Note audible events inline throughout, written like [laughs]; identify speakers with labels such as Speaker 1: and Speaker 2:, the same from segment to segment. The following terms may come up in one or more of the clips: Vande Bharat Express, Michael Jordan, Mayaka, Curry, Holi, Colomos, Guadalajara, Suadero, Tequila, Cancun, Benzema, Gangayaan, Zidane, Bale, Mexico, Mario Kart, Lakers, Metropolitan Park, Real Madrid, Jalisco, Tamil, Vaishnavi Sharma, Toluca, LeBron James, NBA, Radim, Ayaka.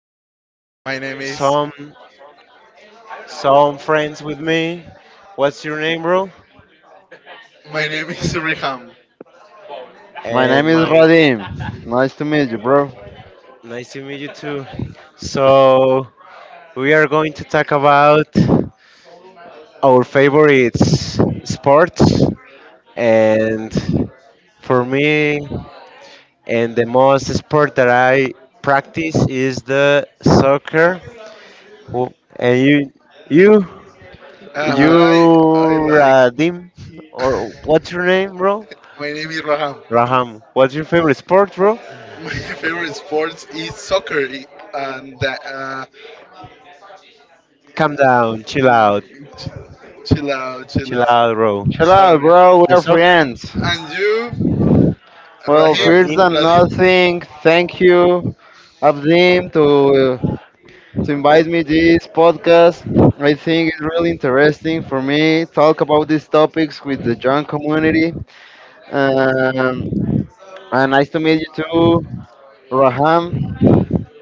Speaker 1: Is
Speaker 2: some some friends with me. What's your name, bro?
Speaker 1: My name is Riham.
Speaker 3: My name
Speaker 2: And
Speaker 3: is
Speaker 2: my
Speaker 3: Radim. Nice to meet you, bro.
Speaker 2: Nice to meet you too. So we are going to talk about our favorite sports, and for me, and the most sport that I practice is the soccer. And you?
Speaker 1: Uh,
Speaker 2: You
Speaker 1: I
Speaker 3: Uh,
Speaker 1: I like.
Speaker 2: Radim, or what's
Speaker 1: [laughs]
Speaker 2: your name, bro?
Speaker 1: My name is Raham. [laughs]
Speaker 2: Raham. What's your favorite sport, bro?
Speaker 1: My favorite sports is soccer.
Speaker 2: Calm down,
Speaker 1: Ch- Chill out, chill
Speaker 2: chill
Speaker 1: out.
Speaker 2: out, bro.
Speaker 3: chill out,
Speaker 1: Sorry.
Speaker 3: bro. We
Speaker 2: The
Speaker 3: are
Speaker 2: sock,
Speaker 3: friends.
Speaker 1: And you,
Speaker 3: Well,
Speaker 1: Rahim,
Speaker 3: first
Speaker 2: Radim.
Speaker 3: than
Speaker 1: Rahim.
Speaker 3: nothing, thank you, Abdim, to to invite me this podcast. I think it's really interesting for me talk about these topics with the young community. Um, and nice to meet you too, Raham.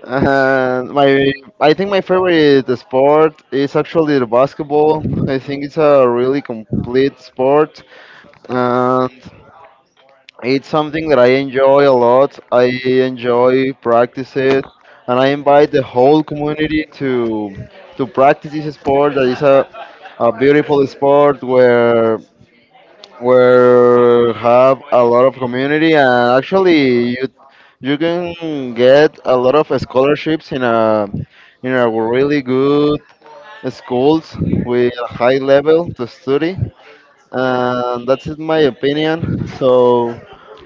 Speaker 3: Uh, my, I think my favorite sport is actually the basketball. I think it's a really complete sport, and it's something that I enjoy a lot. I enjoy practice it, and I invite the whole community to practice this sport. That is a beautiful sport where have a lot of community, and actually you can get a lot of scholarships in a really good schools with a high level to study, and that's in my opinion. So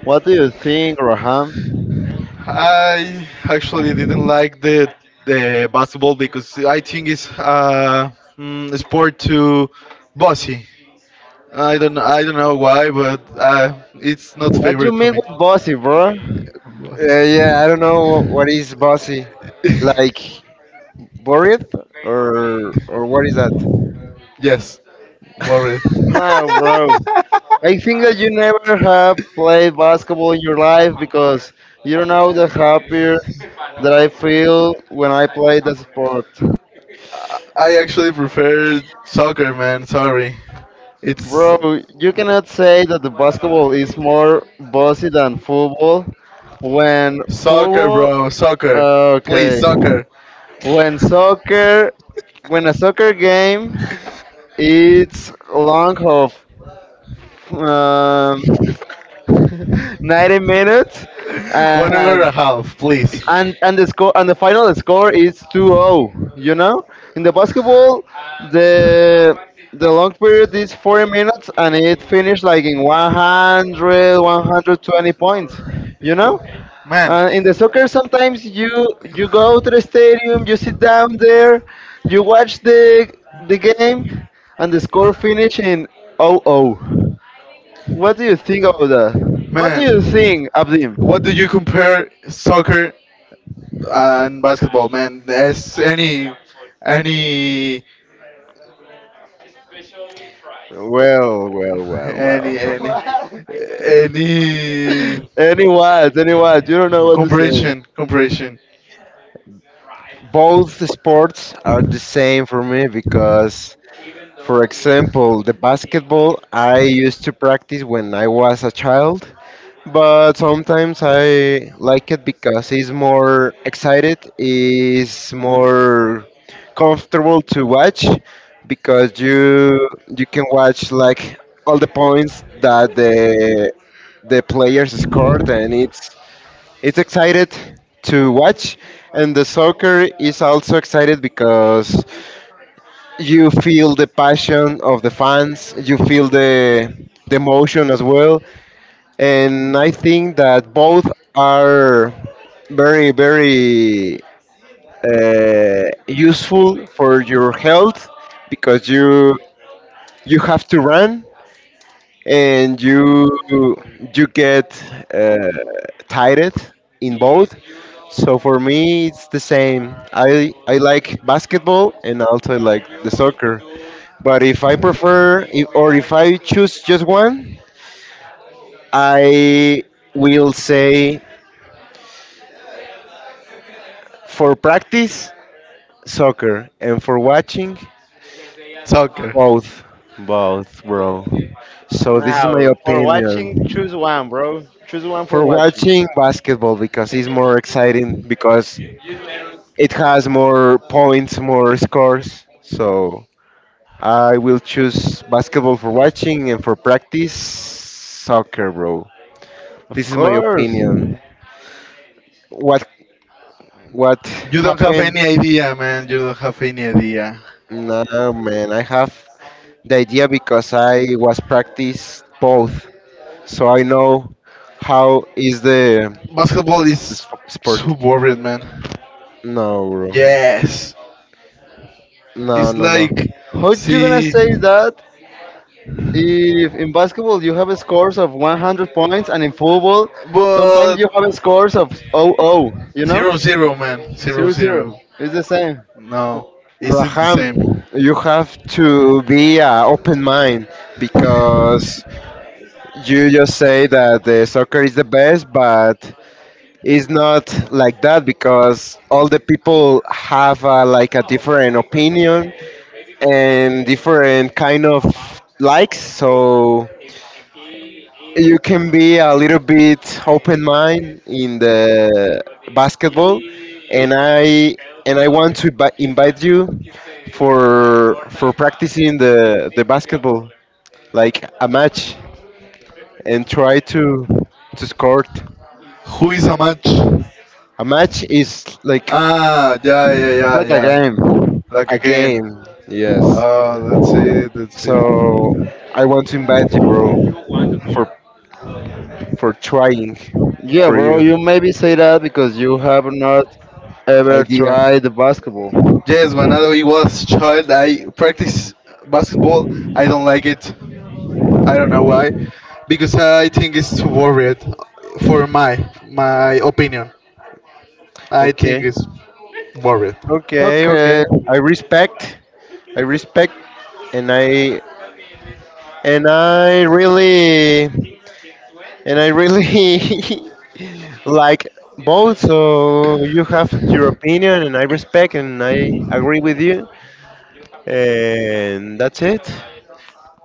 Speaker 3: what do you think, Raham?
Speaker 1: I actually didn't like the basketball because I think it's a sport too bossy. I don't know why, but it's not
Speaker 3: What you
Speaker 1: favorite for
Speaker 3: mean
Speaker 1: me.
Speaker 3: with bossy, bro?
Speaker 2: Yeah, I don't know what is bossy.
Speaker 1: [laughs]
Speaker 2: Like Borith, or what is that?
Speaker 1: Yes,
Speaker 2: [laughs]
Speaker 1: worried.
Speaker 3: No, bro, I think that you never have played basketball in your life because you don't know the happier that I feel when I play the sport.
Speaker 1: I actually prefer soccer, man. Sorry, it's
Speaker 3: Bro, you cannot say that the basketball is more bossy than football when
Speaker 1: Soccer,
Speaker 3: football.
Speaker 1: bro. Soccer.
Speaker 3: Uh,
Speaker 1: Please,
Speaker 3: okay.
Speaker 1: soccer.
Speaker 3: When soccer when a soccer game, it's long of um, [laughs] 90
Speaker 1: [laughs]
Speaker 3: minutes,
Speaker 1: 1 hour and a
Speaker 3: and
Speaker 1: half, please.
Speaker 3: and the score, and the final score is 2-0. You know, in the basketball, the the long period is 40 minutes and it finished like in 100 120 points, you know.
Speaker 1: Man.
Speaker 3: And in the soccer sometimes you go to the stadium, you sit down there, you watch the game, and the score finish in zero zero. What do you think about that? What do you
Speaker 1: Man.
Speaker 3: think, Abdim?
Speaker 1: What do you compare soccer and basketball, man? As any,
Speaker 2: Well, well, well,
Speaker 1: any,
Speaker 2: well.
Speaker 1: any, [laughs] any
Speaker 3: Any words, any words, you don't know what to say.
Speaker 1: comparison.
Speaker 2: Both sports are the same for me, because, for example, the basketball I used to practice when I was a child, but sometimes I like it because it's more excited, it's more comfortable to watch, because you can watch like all the points that the players scored, and it's excited to watch. And the soccer is also excited because you feel the passion of the fans, you feel the emotion as well. And I think that both are very, very useful for your health, because you have to run, and you get uh, tired in both. So for me it's the same. I like basketball and also I like the soccer. But if I prefer, if, or if I choose just one, I will say for practice, soccer, and for watching, both. Both, bro. So this is my
Speaker 3: Now, for watching,
Speaker 2: opinion.
Speaker 3: choose one, bro. Choose one for
Speaker 2: For
Speaker 3: watching.
Speaker 2: watching, basketball, because it's more exciting, because it has more points, more scores. So I will choose basketball for watching, and for practice, soccer, bro.
Speaker 3: Of
Speaker 2: This is my
Speaker 3: course.
Speaker 2: opinion. What What
Speaker 1: You don't have
Speaker 2: happened?
Speaker 1: any idea, man. You don't have any idea.
Speaker 2: No, man, I have the idea because I was practice both, so I know how is the
Speaker 1: Basketball
Speaker 2: the
Speaker 1: is
Speaker 2: sp- sport.
Speaker 1: so boring, man.
Speaker 2: No, bro.
Speaker 1: Yes,
Speaker 2: No,
Speaker 1: it's
Speaker 2: no, no.
Speaker 1: like,
Speaker 3: How you gonna say
Speaker 1: see,
Speaker 3: that, if in basketball you have scores of 100 points, and in football sometimes
Speaker 1: but
Speaker 3: you have scores of 0 zero, you know?
Speaker 1: zero zero, man. Zero
Speaker 3: Zero,
Speaker 1: zero.
Speaker 3: zero. It's the same.
Speaker 1: No, isn't the
Speaker 2: Raham,
Speaker 1: same.
Speaker 2: you have to be open mind, because you just say that the soccer is the best, but it's not like that, because all the people have like a different opinion and different kind of likes. So you can be a little bit open mind in the basketball, and I and I want to invite you for practicing the basketball like a match, and try to score it.
Speaker 1: Who is a match?
Speaker 2: A match is like
Speaker 1: Ah, yeah, yeah,
Speaker 3: It's
Speaker 1: yeah,
Speaker 3: like a
Speaker 1: yeah.
Speaker 3: game.
Speaker 1: Like
Speaker 2: a
Speaker 1: a game.
Speaker 2: game. Yes.
Speaker 1: Oh, that's it. That's it.
Speaker 2: So I want to invite you, bro, for for trying,
Speaker 3: Yeah,
Speaker 2: for
Speaker 3: bro,
Speaker 2: you,
Speaker 3: you maybe say that because you have not ever
Speaker 2: idea.
Speaker 3: tried the basketball.
Speaker 1: Yes, when I was child, I practice basketball. I don't like it. I don't know why, because I think it's too worried. For my opinion, I think
Speaker 2: Okay,
Speaker 1: it's worried.
Speaker 2: okay, okay.
Speaker 3: Okay.
Speaker 2: I respect. I respect, and I and I really and I really [laughs] like both. So you have your opinion, and I respect, and I agree with you. And that's it.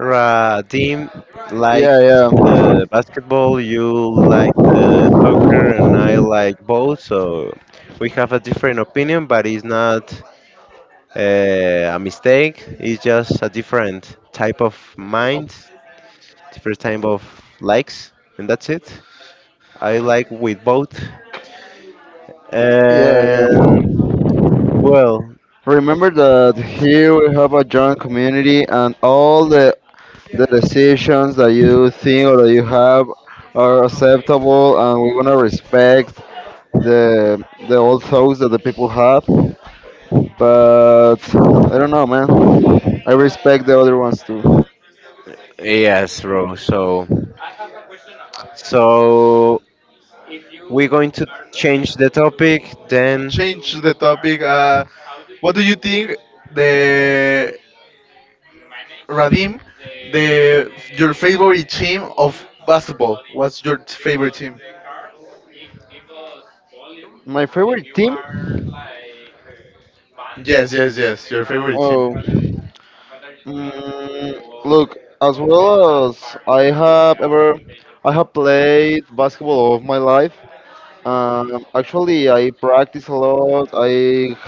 Speaker 2: Team, like
Speaker 3: Yeah, yeah.
Speaker 2: the basketball, you like the soccer, and I like both. So we have a different opinion, but it's not a mistake. It's just a different type of
Speaker 1: Oh,
Speaker 2: mind, different type of likes, and that's it. I like with both.
Speaker 3: Yeah,
Speaker 2: And
Speaker 3: yeah.
Speaker 2: well,
Speaker 3: Remember that here we have a joint community, and the decisions that you think or that you have are acceptable, and we're gonna respect the the old thoughts that the people have. But I don't know, man. I respect the other ones too.
Speaker 2: yes, bro. So, we're going to change the topic. Then,
Speaker 1: change the topic. What do you think, the Radim, the your favorite team of basketball? What's your favorite team?
Speaker 3: My favorite team?
Speaker 1: Yes, yes, yes. Your favorite team.
Speaker 3: Oh. Mm, look, as well as I have played basketball all of my life. Actually, I practice a lot. I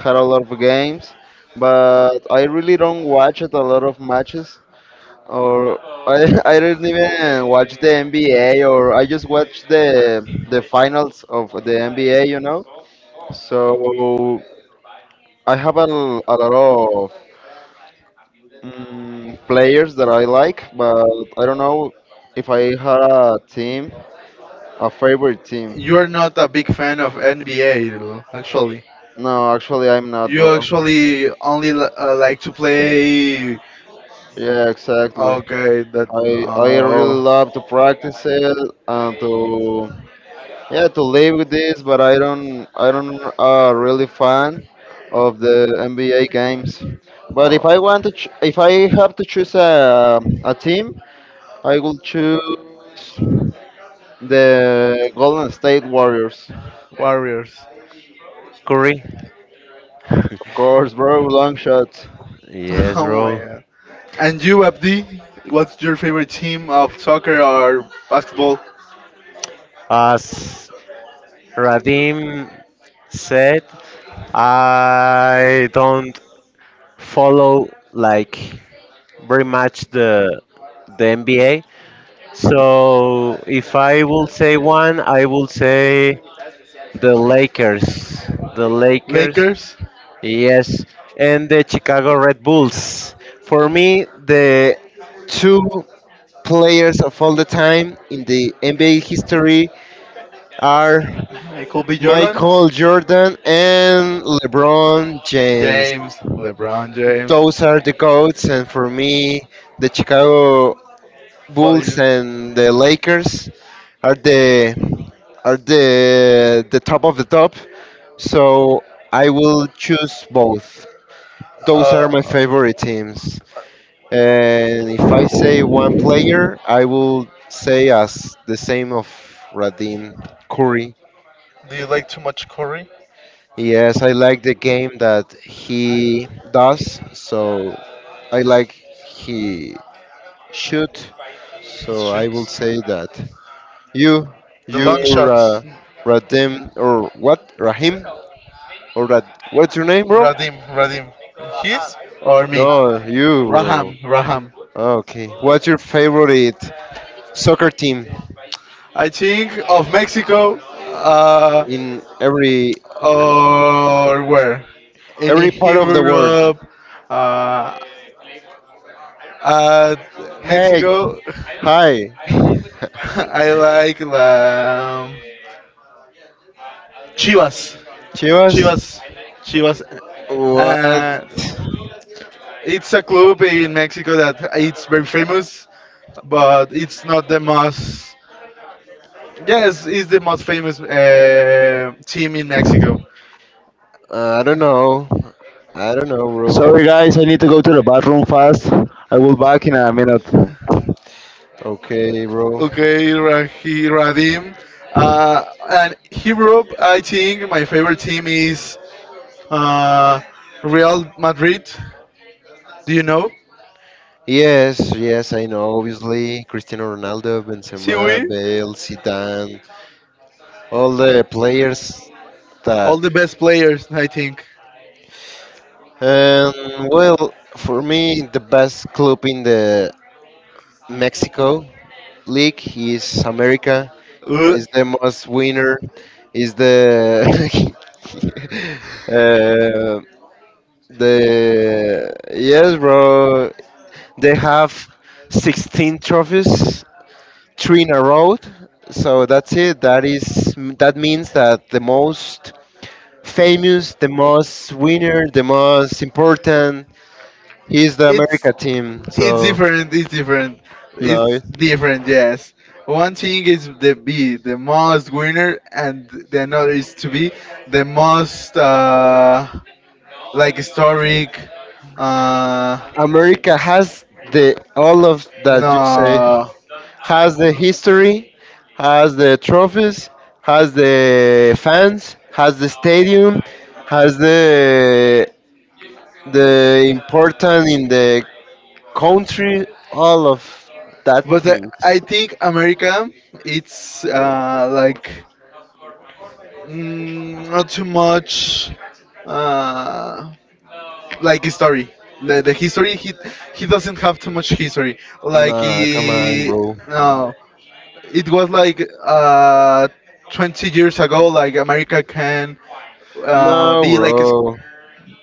Speaker 3: had a lot of games, but I really don't watch it a lot of matches. Or I, [laughs] I don't even watch the NBA, or I just watch the finals of the NBA. You know, so I have a lot players that I like, but I don't know if I had a team, a favorite team.
Speaker 1: You are not a big fan of NBA, actually.
Speaker 3: No, actually, I'm not,
Speaker 1: You
Speaker 3: bro.
Speaker 1: actually only like to play.
Speaker 3: Yeah, exactly.
Speaker 1: Okay, that.
Speaker 3: I really
Speaker 1: Oh.
Speaker 3: love to practice it and to yeah to live with this, but I don't really fan of the NBA games. But if I want to ch- if I have to choose a team, I will choose the Golden State Warriors.
Speaker 2: Curry.
Speaker 3: Of
Speaker 2: [laughs]
Speaker 3: course, bro, long shots.
Speaker 1: [laughs]
Speaker 2: Yes,
Speaker 1: Oh my
Speaker 2: bro.
Speaker 1: God. And you, Abdi, what's your favorite team of soccer or basketball?
Speaker 2: As Radim said, I don't follow like very much the NBA. So if I will say one, I will say the Lakers. The Lakers,
Speaker 1: Lakers,
Speaker 2: yes, and the Chicago Red Bulls. For me, the two players of all the time in the NBA history are
Speaker 1: Michael B. Jordan,
Speaker 2: Michael Jordan and LeBron James.
Speaker 1: James, LeBron James,
Speaker 2: Those are the goats, and for me, the Chicago Bulls
Speaker 1: players.
Speaker 2: and the Lakers are the are the top of the top. So I will choose both. Those are
Speaker 1: Uh,
Speaker 2: my favorite teams. And if I say one player, I will say, as the same of Radim, Curry.
Speaker 1: do you like too much Curry?
Speaker 2: Yes, I like the game that he does, so I like he shoot.
Speaker 1: His
Speaker 2: So I will
Speaker 1: shoots,
Speaker 2: say that you,
Speaker 1: the
Speaker 2: you
Speaker 1: long shots.
Speaker 2: Radim, or what, Rahim, or that, what's your name, bro?
Speaker 1: Radim, Radim, his or me?
Speaker 2: No, you,
Speaker 1: Raham,
Speaker 2: bro.
Speaker 1: Raham.
Speaker 2: Okay, what's your favorite soccer team
Speaker 1: I think of Mexico,
Speaker 2: in every
Speaker 1: or where? In
Speaker 2: every part of the world?
Speaker 1: Europe, uh, uh,
Speaker 2: Hey,
Speaker 1: Mexico. [laughs]
Speaker 2: hi. [laughs]
Speaker 1: [laughs] I like la Chivas.
Speaker 2: Chivas?
Speaker 1: Chivas. Chivas.
Speaker 2: What?
Speaker 1: Uh, it's a club in Mexico that it's very famous, but it's not the most. Yes, it's the most famous, team in Mexico.
Speaker 2: I don't know. I don't know, bro.
Speaker 3: Sorry, guys, I need to go to the bathroom fast. I will back in a minute.
Speaker 2: Okay, bro.
Speaker 1: Okay, Rahi Radim. Uh, and Europe, I think my favorite team is, uh, Real Madrid. Do you know?
Speaker 2: Yes, yes, I know. Obviously, Cristiano Ronaldo,
Speaker 1: See,
Speaker 2: Benzema,
Speaker 1: we
Speaker 2: Bale, Zidane, all the players
Speaker 1: all
Speaker 2: that.
Speaker 1: the best players, I think.
Speaker 2: Um, well, for me, the best club in the Mexico league is America.
Speaker 1: Ugh.
Speaker 2: Is the most winner. Is the [laughs] uh, the yes, bro. They have 16 trophies, three in a row. So that's it. That means that the most famous, the most winner, the most important. He's the
Speaker 1: it's
Speaker 2: America team,
Speaker 1: it's
Speaker 2: so
Speaker 1: different. It's different.
Speaker 2: no.
Speaker 1: It's different. Yes, one thing is the most winner, and the another is to be the most, like, historic, uh
Speaker 2: America has the all of that you say.
Speaker 1: no.
Speaker 2: Has the history, has the trophies, has the fans, has the stadium, has the important in the country, all of that
Speaker 1: But
Speaker 2: things.
Speaker 1: I think America, it's like, not too much, uh like, history. The history, he doesn't have too much history, like
Speaker 2: Nah, come on,
Speaker 1: he.
Speaker 2: bro.
Speaker 1: No. It was like, 20 years ago, like America can,
Speaker 2: No,
Speaker 1: be like
Speaker 2: bro.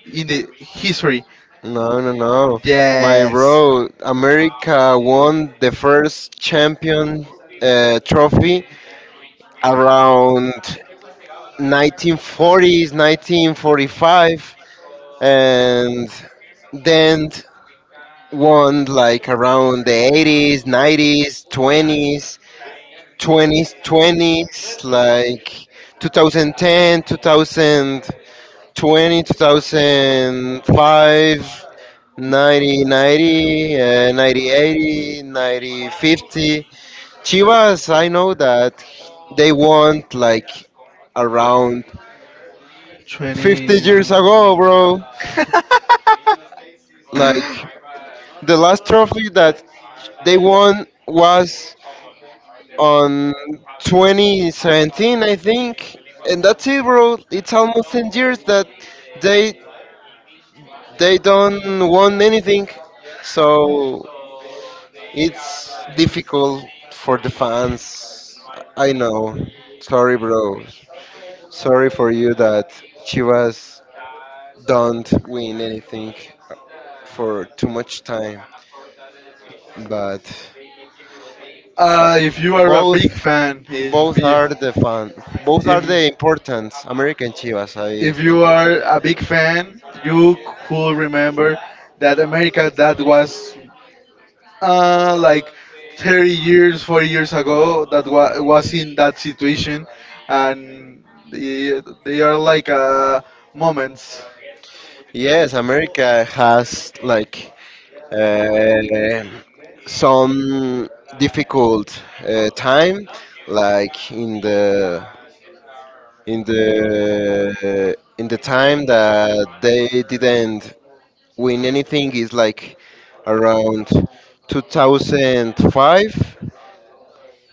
Speaker 1: in the history.
Speaker 2: No, no, no. My
Speaker 1: Yes,
Speaker 2: bro, America won the first champion trophy around 1940s, 1945, and then won like around the 80s, 90s, 20s, 20s, 20s, like 2010, 2000. 20, 2005, 90, 90, 90, 80, 90, 50. Chivas, I know that they won like around 50
Speaker 1: 20.
Speaker 2: years
Speaker 1: [laughs]
Speaker 2: ago, bro. Like the last trophy that they won was on 2017, I think. And that's it, bro. It's almost 10 years that they they don't won anything. So it's difficult for the fans. I know. Sorry, bro. Sorry for you that Chivas don't win anything for too much time. But uh,
Speaker 1: If you are a
Speaker 2: both
Speaker 1: big fan,
Speaker 2: both are the fun. Both are
Speaker 1: if
Speaker 2: the important, American, Chivas, I
Speaker 1: if you
Speaker 2: think.
Speaker 1: are a big fan, you could remember that America, that was, like 30 years, 40 years ago, that was in that situation. And the, they are like, moments.
Speaker 2: Yes, America has like uh, some difficult time, like in the in the time that they didn't win anything, is like around 2005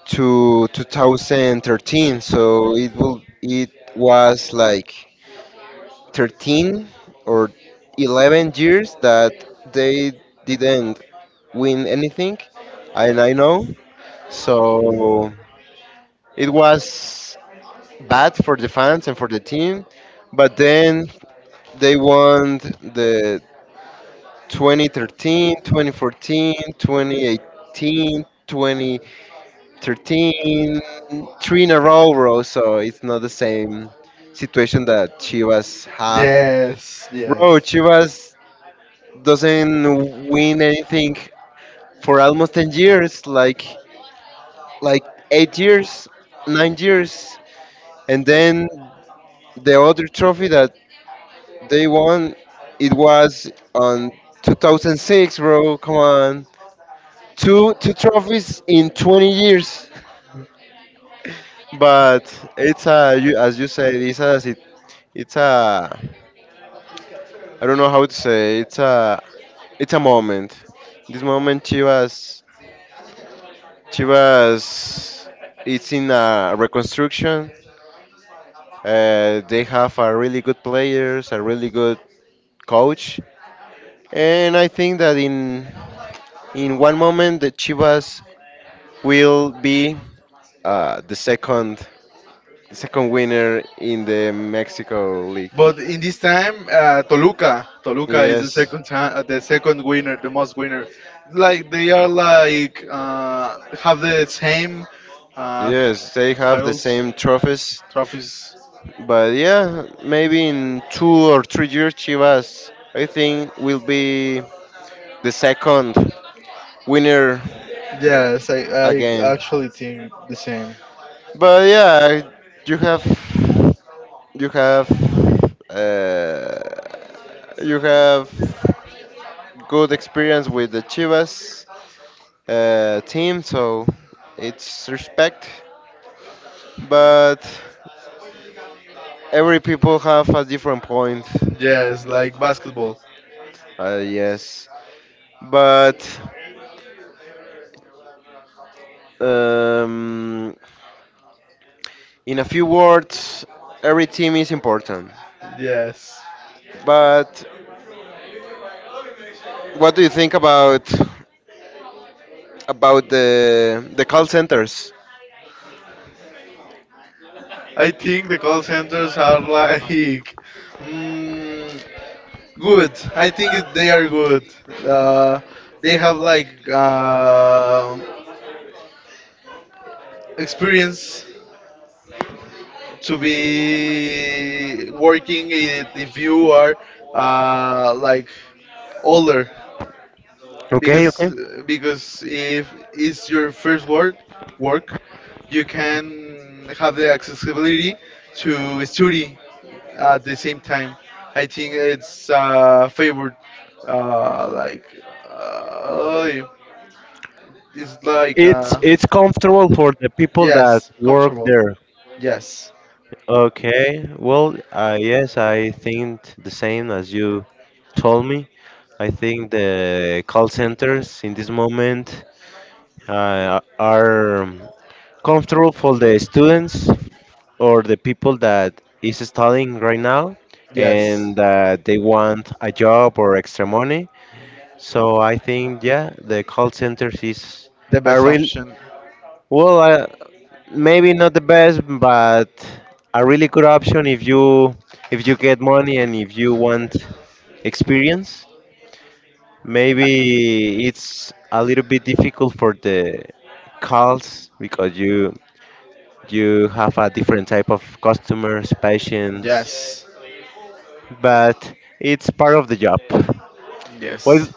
Speaker 2: to 2013. So it was like 13 or 11 years that they didn't win anything, and I know. So it was bad for the fans and for the team. But then they won the 2013, 2014, 2018, 2013, three in a row, bro. So it's not the same situation that Chivas have.
Speaker 1: Yes,
Speaker 2: Bro,
Speaker 1: yes.
Speaker 2: Chivas doesn't win anything for almost 10 years, like 8 years, 9 years. And then the other trophy that they won, it was on 2006. Bro, come on, two trophies in 20 years. But it's a you, as you said, it's a sit- it's a I don't know how to say, it's a moment. This moment, Chivas, it's in a reconstruction. They have a really good players, a really good coach. And I think that in one moment, the Chivas will be the second winner in the Mexico League.
Speaker 1: But in this time, Toluca is the
Speaker 2: Yes.
Speaker 1: second time, the second winner, the most winner. Like they are like, have the same, uh,
Speaker 2: Yes, they have the
Speaker 1: titles,
Speaker 2: same trophies,
Speaker 1: trophies.
Speaker 2: but yeah, maybe in 2 or 3 years, Chivas, I think, will be the second winner
Speaker 1: Yes, I
Speaker 2: again.
Speaker 1: actually think the same.
Speaker 2: But yeah, you have you have uh, you have good experience with the Chivas team, so it's respect. But every people have a different point.
Speaker 1: Yes, like basketball.
Speaker 2: Yes, but um, in a few words, every team is important.
Speaker 1: Yes.
Speaker 2: But what do you think about the call centers?
Speaker 1: I think the call centers are like, mm, good. I think, they are good. Uh, they have, like, experience to be working it if you are, like older,
Speaker 2: Okay,
Speaker 1: because
Speaker 2: okay.
Speaker 1: because if it's your first work, you can have the accessibility to study at the same time. I think it's favored, like, uh, it's like,
Speaker 2: It's comfortable for the people that
Speaker 1: yes,
Speaker 2: work
Speaker 1: comfortable.
Speaker 2: there.
Speaker 1: Yes,
Speaker 2: Okay. Well, yes, I think the same as you told me. I think the call centers in this moment are comfortable for the students or the people that is studying right now,
Speaker 1: yes,
Speaker 2: and they want a job or extra money. So I think, yeah, the call centers is
Speaker 1: the
Speaker 2: a
Speaker 1: best
Speaker 2: real.
Speaker 1: option.
Speaker 2: Well, I, maybe not the best, but a really good option if you get money, and if you want experience. Maybe it's a little bit difficult for the calls because you have a different type of customers, patients,
Speaker 1: Yes,
Speaker 2: but it's part of the job. Well,
Speaker 1: yes.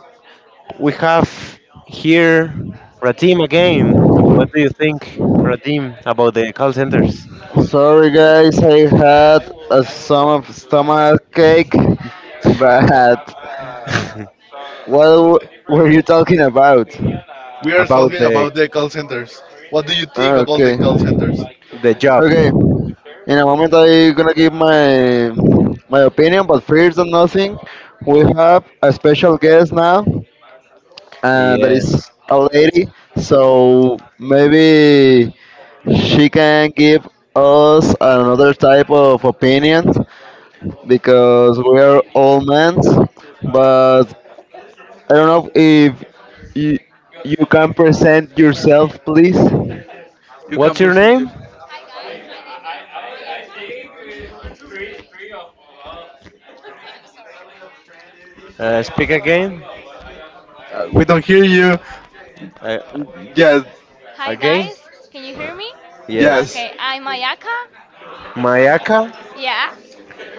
Speaker 2: we have here Ratim again. What do you think, Ratim, about the call centers?
Speaker 3: Sorry, guys, I had a some of stomach ache, but what w- were you talking about?
Speaker 1: We
Speaker 2: [laughs]
Speaker 1: are
Speaker 2: About
Speaker 1: talking
Speaker 2: the
Speaker 1: about the call centers. What do you think
Speaker 3: Ah,
Speaker 1: about the
Speaker 3: okay,
Speaker 1: call centers?
Speaker 2: the job.
Speaker 3: okay. In a moment, I gonna give my opinion, but first of nothing, we have a special guest now, and that is
Speaker 2: Yes.
Speaker 3: a lady. So maybe she can give us another type of opinion because we are all men. But I don't know if you, you can present yourself, please.
Speaker 1: You can
Speaker 2: What's your
Speaker 1: present you.
Speaker 2: name? Speak again.
Speaker 1: We don't hear you.
Speaker 2: Uh,
Speaker 1: Yes,
Speaker 4: Hi
Speaker 2: Again?
Speaker 4: guys, can you hear me?
Speaker 2: Yes.
Speaker 1: yes.
Speaker 4: Okay, I'm Ayaka.
Speaker 2: Mayaka?
Speaker 4: Yeah.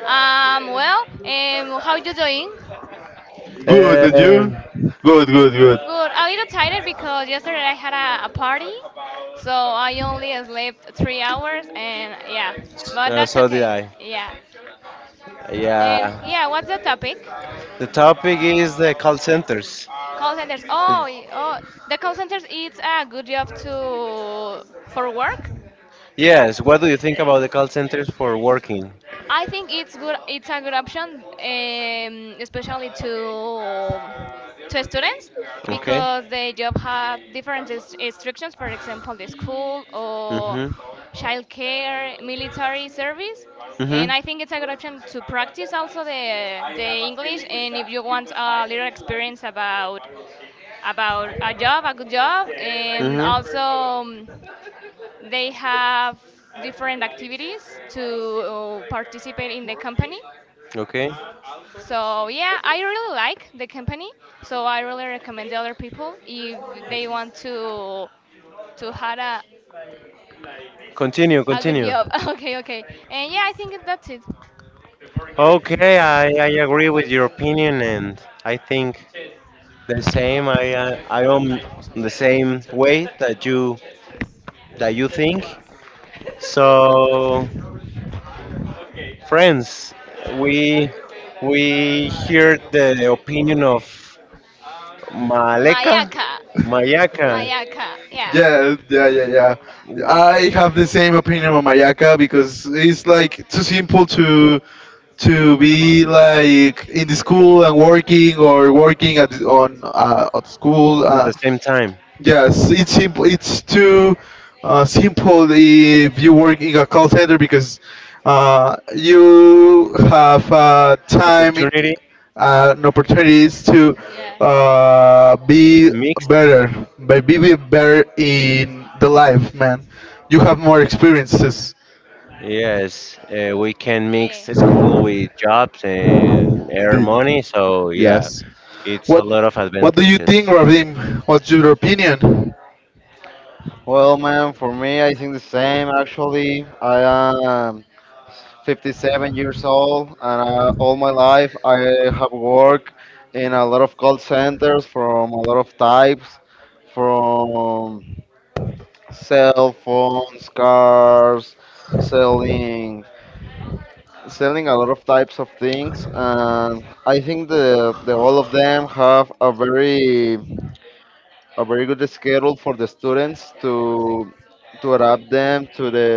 Speaker 4: How you doing?
Speaker 1: Good, and
Speaker 2: Um
Speaker 1: you? Good, good,
Speaker 4: Good. A little tired because yesterday I had a party, so
Speaker 1: good.
Speaker 4: I only slept 3 hours, and yeah. But that's
Speaker 2: so did
Speaker 4: okay.
Speaker 2: I.
Speaker 4: Yeah. And
Speaker 2: Yeah.
Speaker 4: yeah, what's the topic?
Speaker 2: The topic is the call centers.
Speaker 4: Call centers. Oh, oh. The call centers. It's a good job to for work.
Speaker 2: Yes. What do you think about the call centers for working?
Speaker 4: I think it's good. It's a good option, especially to students
Speaker 2: Okay.
Speaker 4: because the job have different instructions. For example, the school or
Speaker 2: Mhm.
Speaker 4: childcare, military service,
Speaker 2: Mhm.
Speaker 4: and I think it's a good option to practice also the English. And if you want a little experience about a job, a good job, and
Speaker 2: Mhm.
Speaker 4: also. They have different activities to participate in the company.
Speaker 2: Okay.
Speaker 4: So yeah, I really like the company. So I really recommend the other people if they want to have
Speaker 2: Continue,
Speaker 4: a good
Speaker 2: continue.
Speaker 4: job. [laughs] Okay, okay. And yeah, I think that's it.
Speaker 2: Okay, I agree with your opinion, and I think the same. I am the same way that you think. So, friends, we we hear the opinion of Maleka,
Speaker 4: Mayaka.
Speaker 2: Mayaka,
Speaker 4: Mayaka, yeah.
Speaker 1: Yeah, yeah, yeah, yeah. I have the same opinion on Mayaka because it's like too simple to be like in the school and working, or working, at the- on at school.
Speaker 2: at the same time.
Speaker 1: Yes, it's simple. It's too, simple if you work in a call center because, you have, time,
Speaker 2: Opportunity
Speaker 1: and opportunities to, be
Speaker 2: mixed.
Speaker 1: better, but be better in the life, man. You have more experiences,
Speaker 2: Yes, we can mix
Speaker 4: Yeah.
Speaker 2: school with jobs and
Speaker 4: Those.
Speaker 2: earn
Speaker 1: than-
Speaker 2: money. So yeah,
Speaker 1: yes.
Speaker 2: it's a
Speaker 1: What
Speaker 4: Yeah.
Speaker 2: lot of
Speaker 1: What do you think,
Speaker 2: advantages.
Speaker 1: Radim? What's your opinion?
Speaker 3: Well, man, for me, I think the same. Actually, I am 57 years old, and all my life I have worked in a lot of call centers from a lot of types, from cell phones, cars, selling, selling a lot of types of things. And I think the all of them have a very good schedule for the students to adapt them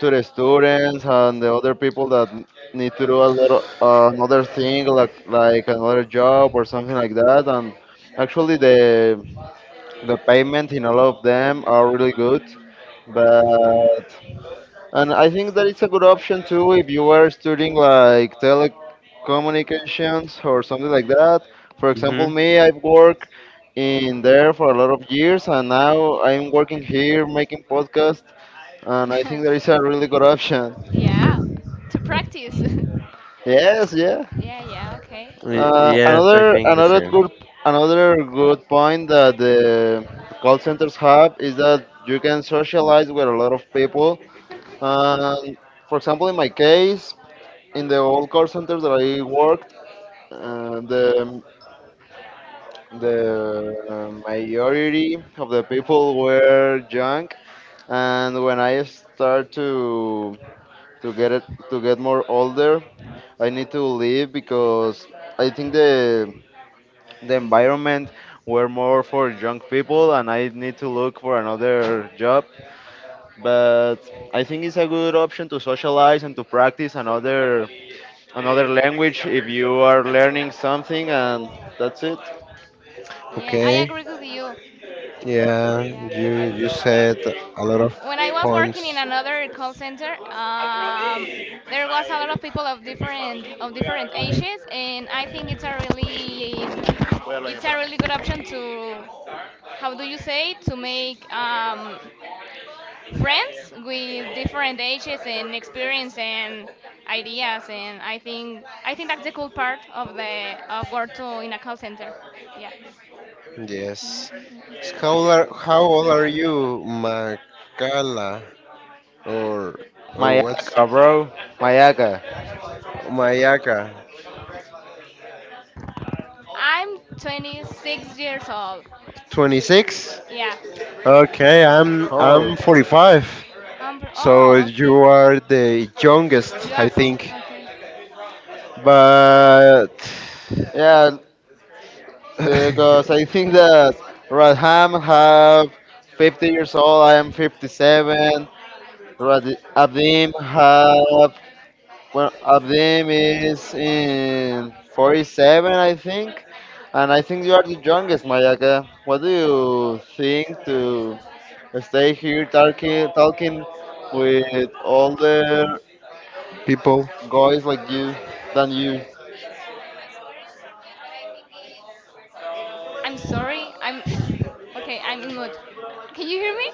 Speaker 3: to the students and the other people that need to do a lot of, another thing like another job or something like that. And actually the payment in all of them are really good. But and I think that it's a good option too if you were studying like telecommunications or something like that. For example,
Speaker 2: Mm-hmm.
Speaker 3: me, I've worked in there for a lot of years, and now I'm working here making podcasts, and I think there is a really good option.
Speaker 4: [laughs] yeah. To practice. [laughs]
Speaker 3: Yes, yeah.
Speaker 4: Yeah, yeah, okay.
Speaker 3: Uh,
Speaker 2: Yes, I
Speaker 3: another
Speaker 2: think the
Speaker 3: another
Speaker 2: same.
Speaker 3: good another good point that the call centers have is that you can socialize with a lot of people. Um, for example, in my case, in the old call centers that I worked, uh, the the majority of the people were young, and when I start to get it to get more older, I need to leave because I think the environment were more for young people and I need to look for another job. But I think it's a good option to socialize and to practice another language if you are learning something, and that's it.
Speaker 4: Yeah, I
Speaker 2: Okay.
Speaker 4: agree with you.
Speaker 2: Yeah,
Speaker 4: Yeah.
Speaker 2: you
Speaker 4: [laughs]
Speaker 2: said a lot of
Speaker 4: When I was
Speaker 2: points.
Speaker 4: working in another call center, there was a lot of people of different ages, and I think it's a really good option to how do you say to make friends with different ages and experience and ideas, and I think that's the cool part of the of work to in a call center. Yeah,
Speaker 2: Yes. So, how old are you, Makala, or or what's
Speaker 3: Mayaka, bro. Mayaka.
Speaker 2: Mayaka?
Speaker 4: I'm 26 years old.
Speaker 2: 26.
Speaker 4: Yeah.
Speaker 2: Okay, I'm
Speaker 3: Oh.
Speaker 2: I'm 45.
Speaker 4: So
Speaker 2: So
Speaker 4: oh,
Speaker 2: you
Speaker 4: okay.
Speaker 2: are the youngest, I think.
Speaker 4: Okay.
Speaker 2: But
Speaker 3: Yeah, because
Speaker 2: [laughs]
Speaker 3: I think that Radham have 50 years old, I am 57. Rad- Abdim have one of them is in 47, I think. And I think you are the youngest, Mayaka. What do you think to stay here talking with older
Speaker 2: people,
Speaker 3: guys like you than you?
Speaker 4: I'm sorry. I'm okay. I'm in mood. Can you hear me?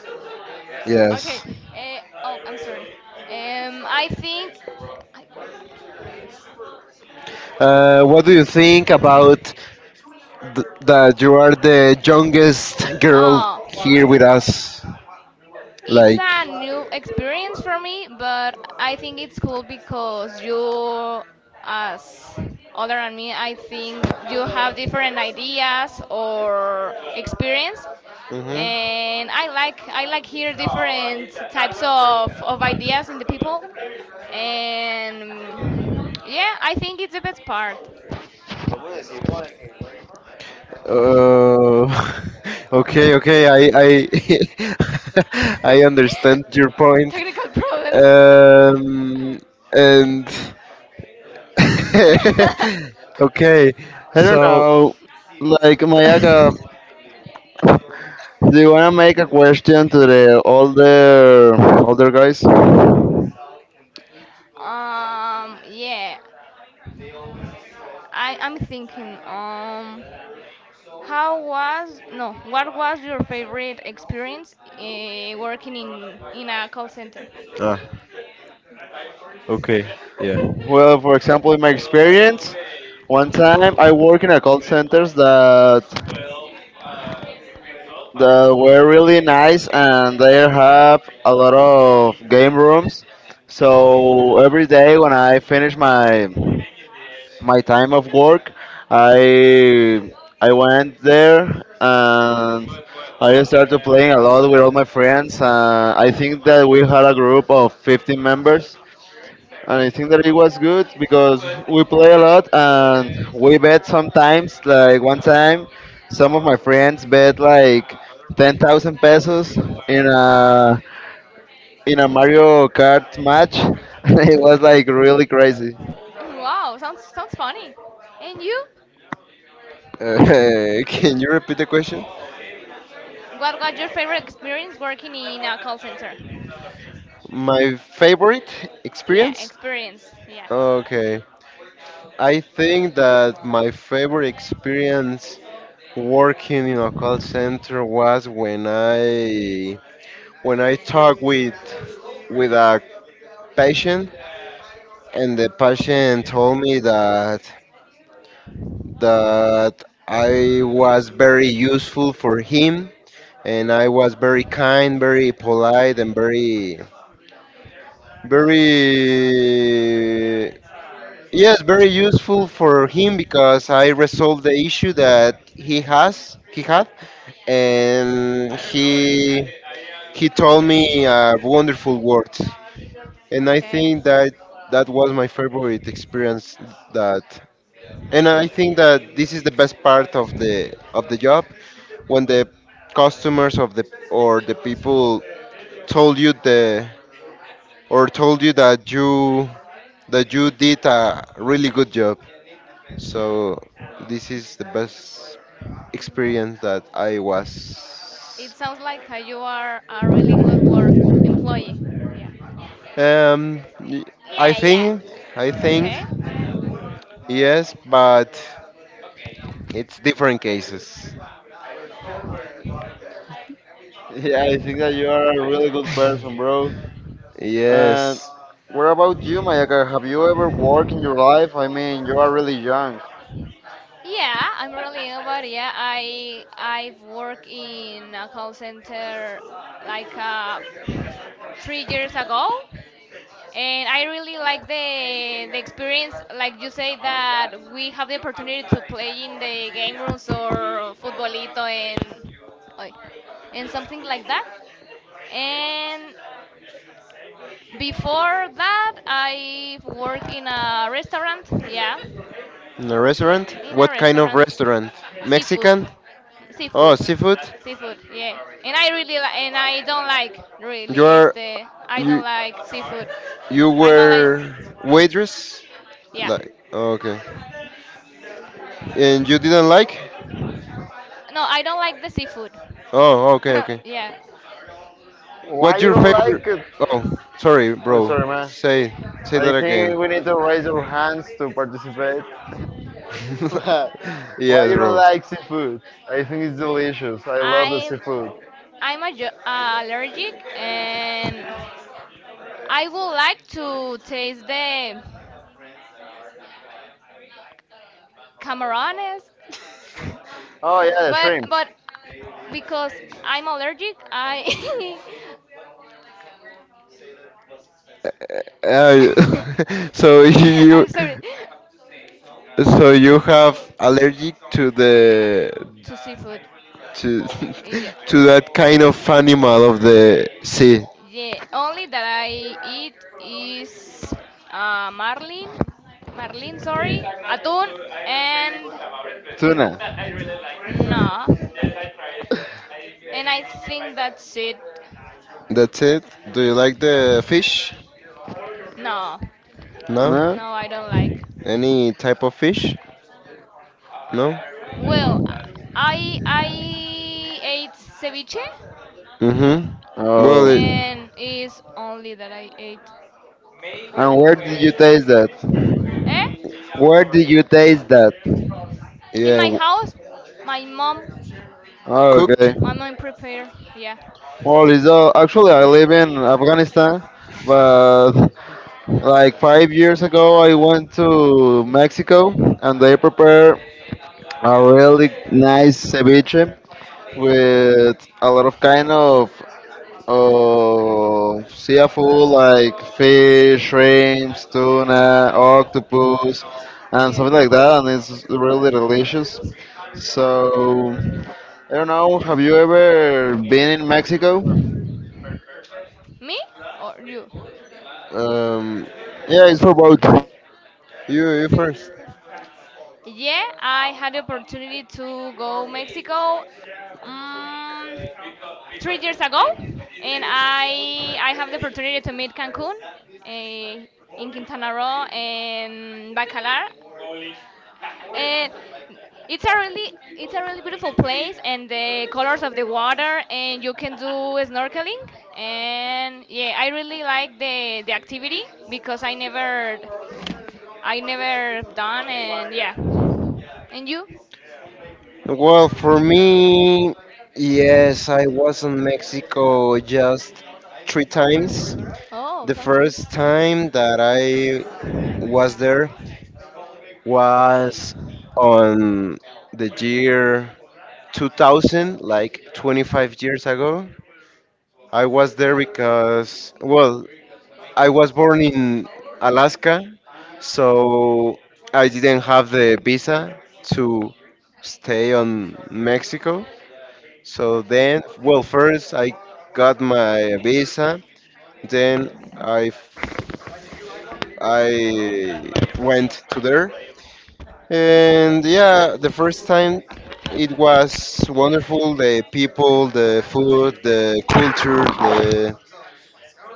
Speaker 4: Okay.
Speaker 2: yes.
Speaker 4: Oh, I'm sorry. I think.
Speaker 2: What do you think about that you are the youngest girl
Speaker 4: Oh,
Speaker 2: here with us?
Speaker 4: it's
Speaker 2: Like,
Speaker 4: a new experience for me, but I think it's cool because you, as other than me, I think you have different ideas or experience,
Speaker 2: hmm
Speaker 4: and I like hear different types of ideas in the people, and yeah, I think it's the best part.
Speaker 3: I
Speaker 2: uh, [laughs] okay, okay, [laughs] I understand your point.
Speaker 4: [laughs] Technical problems. [laughs]
Speaker 2: Um, and [laughs] okay,
Speaker 3: don't
Speaker 2: so.
Speaker 3: know. Like Mayaka,
Speaker 2: [laughs]
Speaker 3: do you wanna make a question to the older guys?
Speaker 4: Yeah, I'm thinking how was no what was your favorite experience working in a call center? [laughs]
Speaker 2: Ah, okay, yeah.
Speaker 3: Well, for example, in my experience, one time I work in a call centers that that were really nice and they have a lot of game rooms. So every day when I finish my time of work, I I went there and I started playing a lot with all my friends. I think that we had a group of 15 members, and I think that it was good because we play a lot and we bet sometimes. Like one time, some of my friends bet like 10,000 pesos in a in a Mario Kart match. [laughs] And it was like really crazy.
Speaker 4: Wow, sounds funny. And you?
Speaker 2: Uh, [laughs] can you repeat the question?
Speaker 4: What was your favorite experience working in a call center?
Speaker 2: My favorite
Speaker 4: Yeah,
Speaker 2: experience?
Speaker 4: experience. Yeah.
Speaker 2: Okay. I think that my favorite experience working in a call center was when I talked with a patient, and the patient told me that that I was very useful for him, and I was very kind, very polite, and very, very, yes, very useful for him because I resolved the issue that he had, and he told me wonderful words. And I
Speaker 4: Okay.
Speaker 2: think that that was my favorite experience. That. And I think that this is the best part of the job, when the customers of the, or the people, told you the, or told you that you that you did a really good job. So
Speaker 4: Yeah.
Speaker 2: this is the best experience that I
Speaker 4: It
Speaker 2: was.
Speaker 4: sounds like you are a really good work employee. Yeah.
Speaker 2: Um, y- I
Speaker 4: Yeah, yeah.
Speaker 2: think I think
Speaker 4: Okay.
Speaker 2: yes, but it's different cases.
Speaker 3: Yeah, I think that you are a really good person, bro. And
Speaker 2: Yes.
Speaker 3: what about you, Mayaka? Have you ever worked in your life? I mean, you are really young.
Speaker 4: Yeah, I'm really about it. Yeah. I I've worked in a call center like 3 years ago, and I really like the experience. Like you say that we have the opportunity to play in the game rooms or futbolito and oi, and something like that. And before that, I worked in a restaurant. Yeah,
Speaker 2: In a restaurant?
Speaker 4: in a
Speaker 2: What kind of
Speaker 4: restaurant.
Speaker 2: restaurant?
Speaker 4: Seafood,
Speaker 2: Mexican? Oh,
Speaker 4: seafood,
Speaker 2: seafood?
Speaker 4: seafood. Yeah, and and I don't like
Speaker 2: You
Speaker 4: really.
Speaker 2: are
Speaker 4: Este, I
Speaker 2: you
Speaker 4: don't like seafood.
Speaker 2: you
Speaker 4: I'm allergic.
Speaker 2: were waitress?
Speaker 4: Yeah,
Speaker 2: Like okay. And you didn't like?
Speaker 4: no, I don't like the seafood.
Speaker 2: Oh, okay,
Speaker 4: [laughs]
Speaker 2: okay.
Speaker 4: yeah,
Speaker 3: Why
Speaker 2: What's
Speaker 3: you
Speaker 2: your
Speaker 3: don't like
Speaker 2: favorite?
Speaker 3: it?
Speaker 2: Oh, sorry,
Speaker 3: I'm
Speaker 2: bro.
Speaker 3: sorry, man.
Speaker 2: Say say
Speaker 3: I
Speaker 2: that
Speaker 3: think
Speaker 2: again.
Speaker 3: we need to raise our hands to participate. [laughs] But
Speaker 2: [laughs]
Speaker 3: why
Speaker 2: yes,
Speaker 3: you don't
Speaker 2: bro.
Speaker 3: like seafood? I think it's delicious. I love the
Speaker 4: I'm
Speaker 3: seafood.
Speaker 4: I'm a, allergic and I would like to taste the camarones, [laughs]
Speaker 3: Oh yeah, the shrimp.
Speaker 4: but because I'm allergic, I [laughs]
Speaker 2: Uh, [laughs]
Speaker 4: [laughs]
Speaker 2: so
Speaker 4: [laughs]
Speaker 2: you
Speaker 4: I'm sorry.
Speaker 2: so you have allergic to the,
Speaker 4: To seafood
Speaker 2: to
Speaker 4: in general.
Speaker 2: [laughs] to that kind of animal of the sea.
Speaker 4: Yeah, only that I eat is marlin, marlin, sorry, atún, and
Speaker 3: Tuna. [laughs]
Speaker 4: no. And I think that's it.
Speaker 2: That's it. Do you like the fish?
Speaker 4: No,
Speaker 2: No.
Speaker 3: No?
Speaker 4: no, I don't like.
Speaker 2: Any type of fish? No.
Speaker 4: Well, I ate ceviche,
Speaker 2: Mhm. Well, it,
Speaker 3: Oh.
Speaker 4: and is only that I ate.
Speaker 3: And where did you taste that?
Speaker 4: Eh?
Speaker 3: Where did you taste that?
Speaker 4: In
Speaker 2: Yeah,
Speaker 4: my
Speaker 2: w-
Speaker 4: house, my mom,
Speaker 3: Oh, okay.
Speaker 2: cooked.
Speaker 4: my mom prepare. Yeah,
Speaker 3: Well, is actually I live in Afghanistan, but like 5 years ago I went to Mexico and they prepare a really nice ceviche with a lot of kind of seafood like fish, shrimps, tuna, octopus, and
Speaker 4: yeah.
Speaker 3: something like that, and it's really delicious. So I don't know. Have you ever been in Mexico?
Speaker 4: Me or you?
Speaker 2: Um,
Speaker 3: Yeah, it's for both.
Speaker 2: you you
Speaker 4: Do You
Speaker 2: first.
Speaker 4: first. Yeah, I had the opportunity to go Mexico um, 3 years ago, and I have the opportunity to meet Cancun, eh, in Quintana Roo and Bacalar, and it's a really beautiful place and the colors of the water and you can do snorkeling and yeah, I really like the activity because I never I never done, and yeah. And you?
Speaker 2: Well, for me, yes, I was in Mexico just three times.
Speaker 4: Oh,
Speaker 2: The
Speaker 4: sounds good.
Speaker 2: first time that I was there was on the year 2000, like 25 years ago. I was there because, well, I was born in Alaska, so I didn't have the visa to stay on Mexico. So then, well, first I got my visa, then I f- I went to there, and yeah, the first time it was wonderful. The people, the food, the culture, the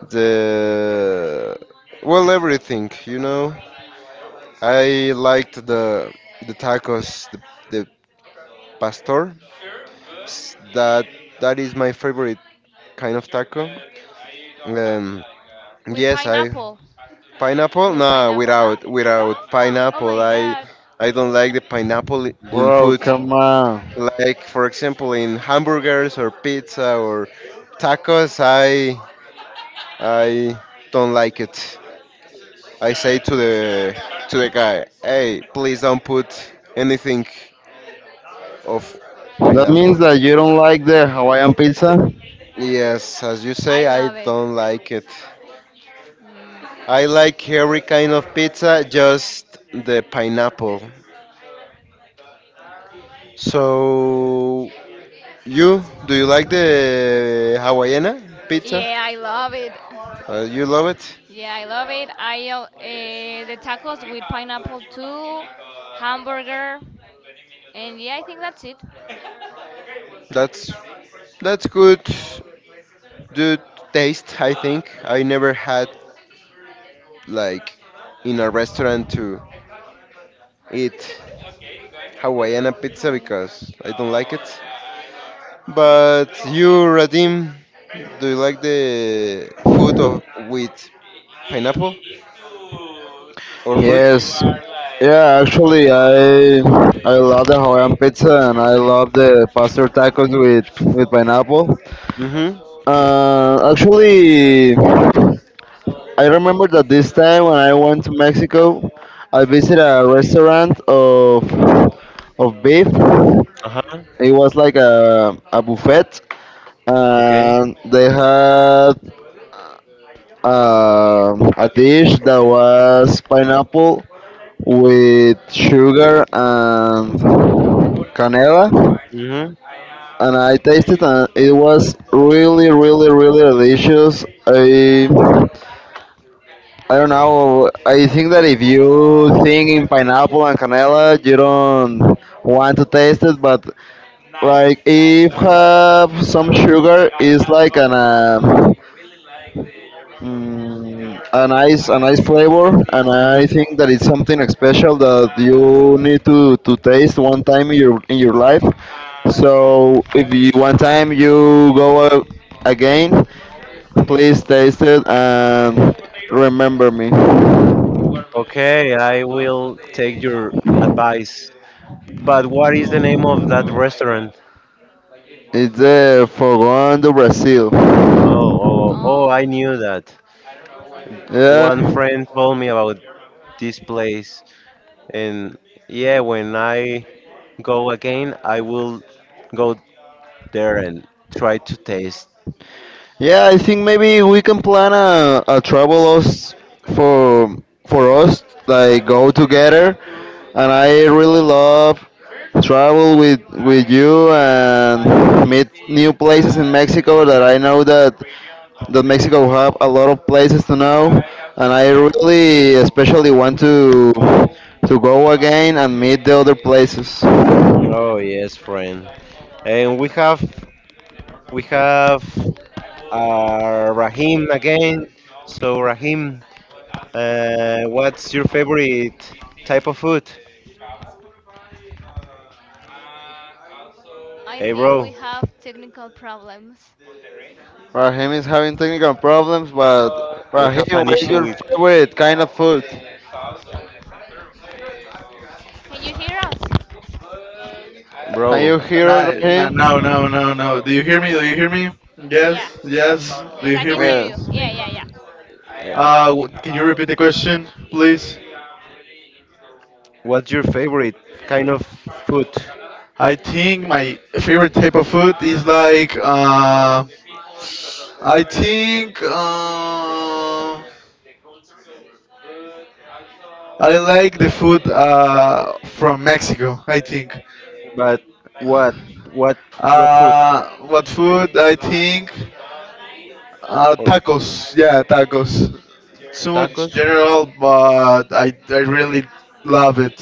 Speaker 2: the well, everything, you know. I liked the tacos, the pastor. That that is my favorite kind of taco. Um,
Speaker 4: With
Speaker 2: yes, I
Speaker 4: pineapple.
Speaker 2: pineapple.
Speaker 4: With
Speaker 2: No,
Speaker 4: pineapple no.
Speaker 2: without
Speaker 4: No.
Speaker 2: without
Speaker 4: [gasps] Oh
Speaker 2: pineapple,
Speaker 4: my god.
Speaker 2: I don't like the pineapple in
Speaker 3: Bro,
Speaker 2: food.
Speaker 4: Okay.
Speaker 3: come on.
Speaker 2: Like, for example, in hamburgers or pizza or tacos, I don't like it. I say to the guy, hey, please don't put anything of
Speaker 3: That means
Speaker 2: pineapple.
Speaker 3: that you don't like the Hawaiian pizza?
Speaker 2: Yes, as you say,
Speaker 4: I
Speaker 2: I
Speaker 4: love it.
Speaker 2: don't like it.
Speaker 4: Mm.
Speaker 2: I like every kind of pizza, just the pineapple. So, you, do you like the Hawaiiana pizza?
Speaker 4: Yeah, I love it. You love
Speaker 2: You love it?
Speaker 4: Yeah, I love it. I the tacos with pineapple too, hamburger, and yeah, I think that's it.
Speaker 2: That's that's good. Good taste, I think. I never had, like, in a restaurant to eat Hawaiiana pizza because I don't like it. But you, Radim, do you like the food of with pineapple or fruit?
Speaker 3: Yes. Yeah, actually, I love the Hawaiian pizza and I love the pastor tacos with pineapple.
Speaker 2: Mm-hmm.
Speaker 3: Actually, I remember that this time when I went to Mexico, I visited a restaurant of beef.
Speaker 2: Uh-huh.
Speaker 3: It was like a buffet,
Speaker 2: Okay.
Speaker 3: and they had a dish that was pineapple with sugar and canela,
Speaker 2: Mm-hmm.
Speaker 3: and I tasted and it was really really really delicious.
Speaker 4: Yeah.
Speaker 3: I don't know. I think that if you think in pineapple and canela, you don't want to taste it. But like if have some sugar, it's like a nice flavor, and I
Speaker 2: Mm-hmm.
Speaker 3: think that it's something special that you need to taste one time in your life. So if you one time you go again, please taste it and remember me.
Speaker 2: Okay, I will take your advice. But what is the name of that restaurant?
Speaker 3: It's the Fogón do Brasil.
Speaker 4: Oh,
Speaker 2: Oh,
Speaker 4: oh,
Speaker 2: oh, oh, oh, I
Speaker 4: oh,
Speaker 2: knew that.
Speaker 3: Yeah.
Speaker 2: One friend told me about this place. And yeah, when I go again, I will go there and try to taste.
Speaker 3: Yeah, I think maybe we can plan a travel us for for us like go together, and I really love travel with you and meet new places in Mexico that I know that that Mexico have a lot of places to know, and I
Speaker 4: yeah.
Speaker 3: really especially want to go again and meet the other places.
Speaker 2: Oh yes, friend. And we have Rahim again. So Rahim, what's your favorite type of food?
Speaker 4: I
Speaker 2: Hey
Speaker 4: think we
Speaker 2: bro,
Speaker 4: have technical problems.
Speaker 3: Rahim is having technical problems, but
Speaker 2: we have
Speaker 3: Rahim,
Speaker 2: an
Speaker 3: what is
Speaker 2: issue
Speaker 3: your
Speaker 2: with,
Speaker 3: favorite kind of food?
Speaker 4: Can you hear us?
Speaker 3: Can
Speaker 2: bro.
Speaker 3: you hear us,
Speaker 1: No, no, no,
Speaker 3: Raheem?
Speaker 1: no, no, no. Do you hear me? Do you hear me?
Speaker 4: Yeah.
Speaker 1: Yes, yes. Do
Speaker 4: Yes,
Speaker 1: you
Speaker 4: I
Speaker 1: hear
Speaker 4: can
Speaker 1: me?
Speaker 4: hear you. Yeah,
Speaker 3: Yes.
Speaker 4: yeah, yeah.
Speaker 2: uh,
Speaker 1: Can you repeat the question, please?
Speaker 2: what's your favorite kind of food?
Speaker 1: I think my favorite type of food is, like, I think uh, I like the food, from Mexico. I think.
Speaker 2: But what what what food?
Speaker 1: What food? I think,
Speaker 2: Or
Speaker 1: tacos. Yeah,
Speaker 4: Taco.
Speaker 1: tacos. Too much
Speaker 2: tacos?
Speaker 1: general, but I really love it.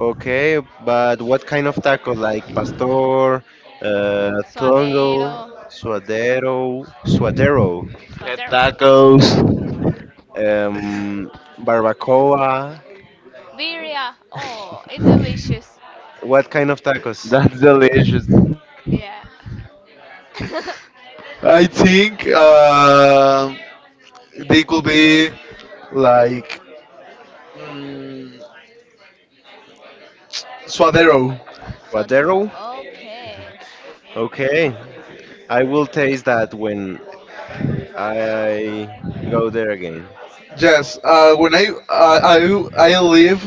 Speaker 2: Okay, but what kind of taco? Like pastor,
Speaker 4: Suadero.
Speaker 2: tongo, suadero,
Speaker 3: Head
Speaker 4: Suadero.
Speaker 3: tacos.
Speaker 2: um, barbacoa.
Speaker 4: Birria. Oh, it's delicious.
Speaker 2: What kind of tacos?
Speaker 3: That's delicious.
Speaker 4: Yeah. [laughs]
Speaker 1: I think, they could be, like, mm, Suadero.
Speaker 4: Suadero.
Speaker 2: Suadero?
Speaker 4: Okay.
Speaker 2: Okay, I will taste that when I go there again.
Speaker 1: Yes, when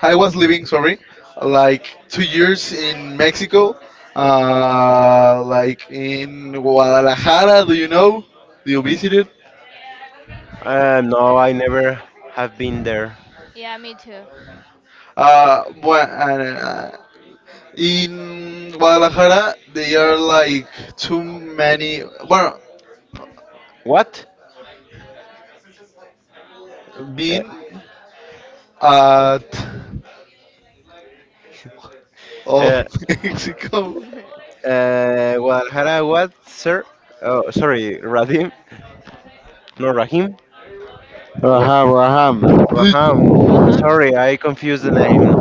Speaker 1: I was living, sorry, like 2 years in Mexico, like in Guadalajara. Do you know? Do you
Speaker 2: N-
Speaker 1: visit it?
Speaker 2: No, I never have been there.
Speaker 4: Yeah, me too.
Speaker 1: Uh, bua- and, uh, in Guadalajara, they are like too many. Well,
Speaker 2: What? Uh,
Speaker 1: been at of
Speaker 2: uh,
Speaker 1: [laughs] Mexico.
Speaker 4: [laughs]
Speaker 2: Guadalajara, what, sir? Oh, sorry, Radim? No, Rahim? What?
Speaker 3: Raham, Raham.
Speaker 1: Dude,
Speaker 2: Raham,
Speaker 4: Uh huh.
Speaker 2: sorry, I confused the name.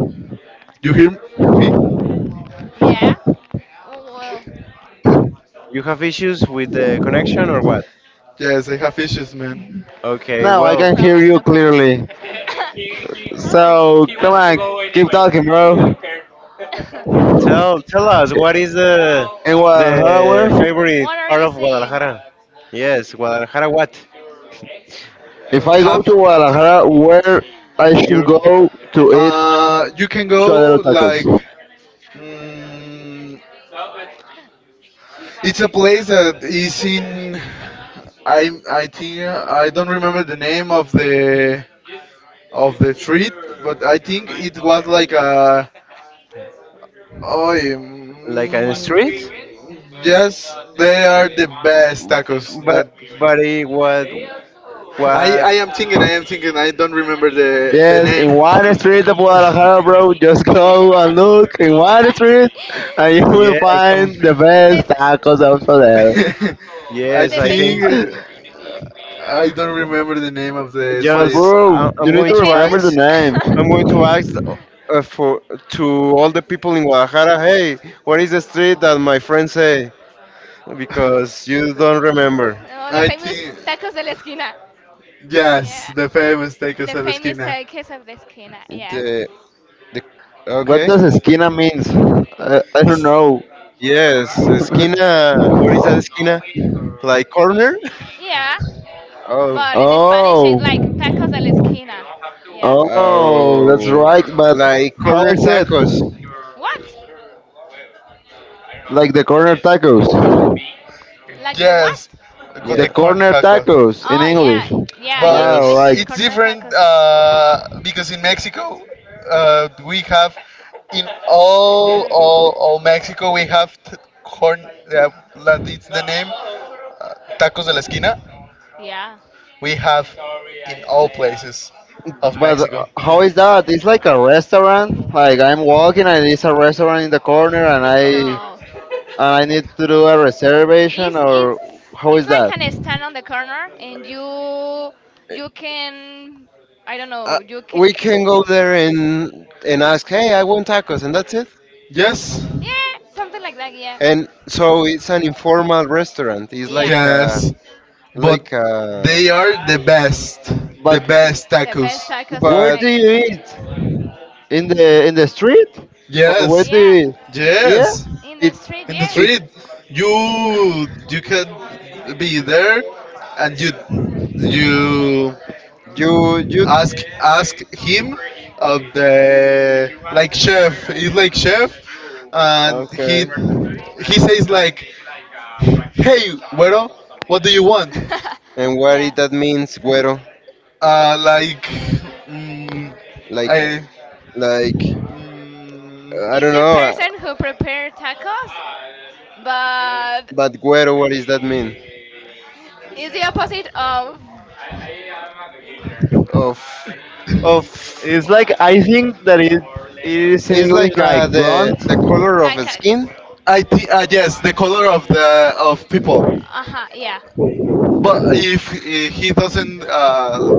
Speaker 1: you hear me?
Speaker 4: Name. Yeah. Oh, well.
Speaker 2: You have issues with the connection or what?
Speaker 1: Yes, I have issues, man.
Speaker 2: Okay,
Speaker 3: Now
Speaker 4: Okay. No
Speaker 3: I
Speaker 4: well,
Speaker 2: well,
Speaker 3: can hear
Speaker 4: problem.
Speaker 3: you
Speaker 4: No problem. [coughs]
Speaker 3: clearly.
Speaker 4: [laughs] hmm.
Speaker 3: So come on, keep talking, bro.
Speaker 4: [laughs] tell tell
Speaker 2: tell tell us, what is
Speaker 3: In
Speaker 2: the
Speaker 3: Guadalajara, where?
Speaker 2: favorite
Speaker 4: what are
Speaker 2: part
Speaker 4: you
Speaker 2: of
Speaker 4: saying?
Speaker 2: Guadalajara? Yes, Guadalajara. What?
Speaker 3: If I go
Speaker 1: Have
Speaker 3: to Guadalajara, where I should
Speaker 2: You,
Speaker 3: go to eat
Speaker 1: uh, you can go,
Speaker 3: suadero tacos.
Speaker 1: like, mm, it's a place that is in. I think, I don't remember the name of the street, but I think it was like a. Oh,
Speaker 2: like a street?
Speaker 1: yes, they are the best tacos. That.
Speaker 2: But but what what?
Speaker 1: I am thinking. I don't remember the
Speaker 3: Yes, in
Speaker 1: name.
Speaker 2: [laughs]
Speaker 3: one
Speaker 4: Okay.
Speaker 3: street of Guadalajara, bro, just go and look
Speaker 4: [laughs]
Speaker 3: in one street, and you will
Speaker 2: yes, come.
Speaker 3: find the best
Speaker 4: Yes, the
Speaker 3: tacos out there.
Speaker 1: [laughs] I
Speaker 4: [laughs]
Speaker 2: Yes,
Speaker 4: the
Speaker 2: I
Speaker 1: think,
Speaker 2: think.
Speaker 4: famous.
Speaker 3: [laughs]
Speaker 1: uh, I don't remember the name of the
Speaker 4: Just
Speaker 3: But
Speaker 1: street.
Speaker 2: Just
Speaker 3: bro, you
Speaker 2: I'm
Speaker 4: Oh.
Speaker 3: need
Speaker 2: going
Speaker 4: The
Speaker 3: to
Speaker 2: to ask
Speaker 3: remember the
Speaker 4: famous.
Speaker 3: name.
Speaker 2: I'm going to ask
Speaker 4: [laughs]
Speaker 2: for, to all the people in Guadalajara, hey, what is the street that my friends say? Because you don't remember.
Speaker 4: Oh, the
Speaker 1: I
Speaker 4: famous
Speaker 1: think,
Speaker 4: tacos de la esquina.
Speaker 1: yes,
Speaker 4: Yeah.
Speaker 1: the famous tacos
Speaker 4: The
Speaker 1: de la
Speaker 4: famous
Speaker 1: esquina.
Speaker 4: tacos of the esquina. Yeah.
Speaker 2: The the
Speaker 3: What
Speaker 2: okay.
Speaker 3: does esquina means? I don't
Speaker 1: It's,
Speaker 3: know.
Speaker 2: Yes, esquina. What is that esquina? Like corner?
Speaker 4: Yeah.
Speaker 2: Oh,
Speaker 4: But in Spanish, it's
Speaker 3: Oh,
Speaker 4: like tacos de la esquina. Yeah.
Speaker 3: oh, that's
Speaker 2: oh,
Speaker 3: right. But
Speaker 2: like
Speaker 3: how
Speaker 2: corner
Speaker 3: is it?
Speaker 2: tacos.
Speaker 4: What?
Speaker 3: Like the corner tacos.
Speaker 4: Like the what?
Speaker 1: yes,
Speaker 3: The
Speaker 1: the
Speaker 2: Yeah.
Speaker 4: Uh,
Speaker 1: corn
Speaker 3: corner
Speaker 1: tacos.
Speaker 3: tacos in
Speaker 4: Oh yeah,
Speaker 3: English.
Speaker 4: yeah, yeah.
Speaker 1: But
Speaker 4: In
Speaker 2: Yes.
Speaker 3: Oh,
Speaker 4: English,
Speaker 3: right.
Speaker 4: it's
Speaker 1: it's
Speaker 4: corner
Speaker 1: different,
Speaker 4: tacos.
Speaker 1: because in Mexico, we have in all
Speaker 4: Or
Speaker 1: all all Mexico we have, corn. That it's the name, tacos de la esquina.
Speaker 4: yeah.
Speaker 1: We have in all places of
Speaker 3: But
Speaker 1: Mexico.
Speaker 3: how is that? It's like a restaurant. Like I'm walking and it's a restaurant in the corner, and I
Speaker 4: No.
Speaker 3: and I need to do a reservation
Speaker 4: It's
Speaker 3: or
Speaker 4: it's
Speaker 3: how
Speaker 4: it's
Speaker 3: is
Speaker 4: like
Speaker 3: that?
Speaker 4: an stand on the corner, and you can I don't
Speaker 2: Uh,
Speaker 4: know you can
Speaker 2: we can go there and ask, hey, I want tacos, and that's it.
Speaker 1: Yes,
Speaker 4: yeah, something like that, yeah,
Speaker 2: And so it's an informal restaurant. It's
Speaker 4: yeah,
Speaker 1: yes, but
Speaker 2: like a
Speaker 1: they are the
Speaker 3: But
Speaker 1: best
Speaker 4: a, the
Speaker 1: tacos.
Speaker 4: best tacos of
Speaker 3: where
Speaker 2: but
Speaker 3: do
Speaker 4: Mexico,
Speaker 3: you eat? In the street, or where
Speaker 1: Yes,
Speaker 3: do
Speaker 4: yeah,
Speaker 3: you eat? Yeah.
Speaker 1: yes,
Speaker 4: in the
Speaker 2: it
Speaker 4: street,
Speaker 1: in the
Speaker 4: yeah.
Speaker 2: it,
Speaker 4: [laughs]
Speaker 1: street. You you can be there, and you
Speaker 2: you,
Speaker 1: ask him of the, like, chef. He's like chef, and he says, like,
Speaker 3: Okay.
Speaker 1: "Hey, güero, what do you want?"
Speaker 4: and
Speaker 2: and what it,
Speaker 4: yeah.
Speaker 2: that means güero
Speaker 1: Like, mm, I
Speaker 2: like like
Speaker 1: Mm,
Speaker 2: I
Speaker 4: Is
Speaker 2: don't
Speaker 4: the
Speaker 2: know,
Speaker 4: person who prepared tacos, but
Speaker 2: but güero, what does that mean,
Speaker 4: is the opposite of
Speaker 3: [laughs]
Speaker 2: of of
Speaker 3: It's like I think that it is in
Speaker 2: it's
Speaker 3: English
Speaker 2: like
Speaker 3: like blunt.
Speaker 2: the color of
Speaker 4: like
Speaker 2: a
Speaker 4: a
Speaker 2: skin.
Speaker 1: I think, yes, the color of people.
Speaker 4: uh-huh, yeah,
Speaker 1: But
Speaker 2: [laughs]
Speaker 1: if he doesn't,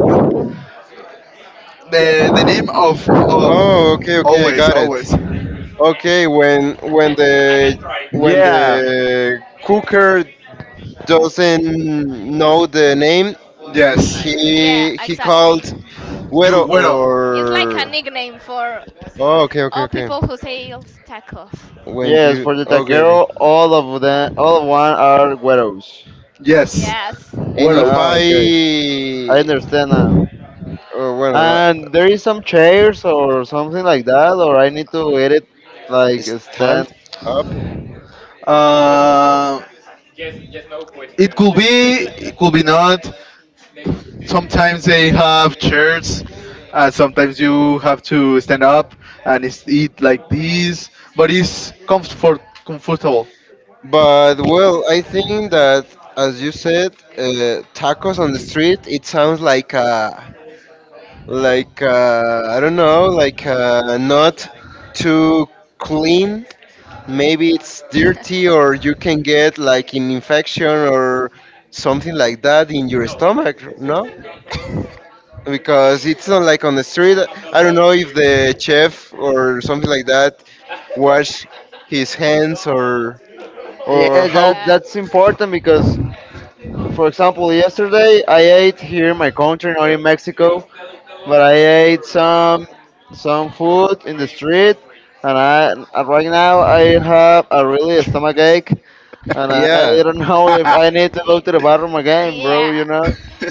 Speaker 1: the name of,
Speaker 2: Oh, okay, okay, I
Speaker 1: always
Speaker 2: got it.
Speaker 1: always
Speaker 2: Okay, when
Speaker 3: Yeah. Yeah,
Speaker 2: the cooker doesn't know the name,
Speaker 1: yes,
Speaker 4: yeah
Speaker 2: he
Speaker 4: exactly,
Speaker 2: called
Speaker 1: you
Speaker 2: Güero,
Speaker 1: Güero.
Speaker 4: it's like a
Speaker 2: or
Speaker 4: nickname for
Speaker 2: oh okay, okay,
Speaker 4: all
Speaker 2: okay.
Speaker 4: people who sales tacos
Speaker 2: When
Speaker 3: yes.
Speaker 2: you,
Speaker 3: For
Speaker 4: in
Speaker 3: the
Speaker 2: okay,
Speaker 4: Mexico,
Speaker 2: okay.
Speaker 3: taquero, all of them, all of one are güeros.
Speaker 1: Yes,
Speaker 4: yes,
Speaker 2: And if
Speaker 1: Güeros.
Speaker 3: Ah,
Speaker 2: I
Speaker 3: okay. I understand now.
Speaker 2: or bueno la-
Speaker 3: And there is some chairs or something like that, or I need to edit like a stand.
Speaker 2: stand up,
Speaker 1: Uh, it could be, it could be not. Sometimes they have chairs, and sometimes you have to stand up, and it's, eat like this. But it's comfortable.
Speaker 2: but well I think that, as you said, tacos on the street. It sounds like a like I don't know, like not too clean. Maybe it's dirty, or you can get like an infection or something like that in your stomach. No, because it's not like on the street. I don't know if the chef or something like that wash his hands or
Speaker 3: Yes,
Speaker 2: how.
Speaker 3: that
Speaker 4: yeah.
Speaker 3: that's important because
Speaker 4: [laughs]
Speaker 3: for example, yesterday I ate here in my country, not in Mexico, but I ate some food in the street, and right now I have a really stomach ache, and I
Speaker 2: Yeah,
Speaker 3: don't [laughs] know if I
Speaker 1: [laughs]
Speaker 3: need to go
Speaker 4: yeah.
Speaker 3: to the bathroom again, bro. You
Speaker 4: Yeah.
Speaker 3: know,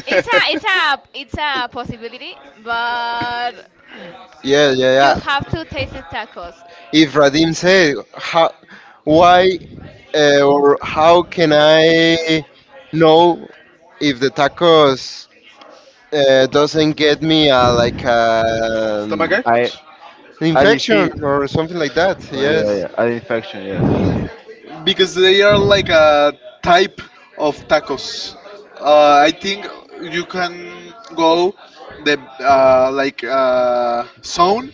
Speaker 4: It's a possibility, but yeah,
Speaker 2: yeah, yeah,
Speaker 4: you
Speaker 2: yeah.
Speaker 4: have to taste the tacos.
Speaker 2: If Radim said how, why or how can I know if the tacos doesn't get me a, like
Speaker 1: Tamago?
Speaker 3: I
Speaker 2: an
Speaker 3: a
Speaker 2: infection
Speaker 3: disease,
Speaker 2: or something like that?
Speaker 3: oh, yeah,
Speaker 2: Yes.
Speaker 3: yeah, an infection, yeah.
Speaker 1: Because they are like a type of tacos. I think you can go the like, zone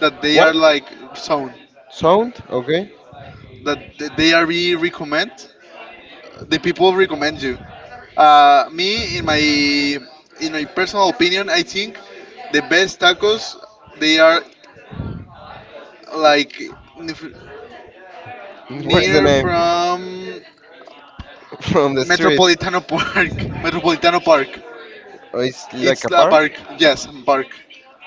Speaker 1: that they are
Speaker 2: What
Speaker 1: like zone
Speaker 2: sound? Okay.
Speaker 1: that the people recommend you. Me, in my personal opinion, I think the best tacos, they are, like,
Speaker 2: [laughs] What is the
Speaker 1: near
Speaker 2: name
Speaker 1: from
Speaker 2: [laughs] from the street?
Speaker 1: Metropolitano Park. [laughs] Metropolitano Park.
Speaker 2: Oh, it's like
Speaker 1: It's
Speaker 2: a
Speaker 1: a
Speaker 2: park.
Speaker 1: park. Yes, park.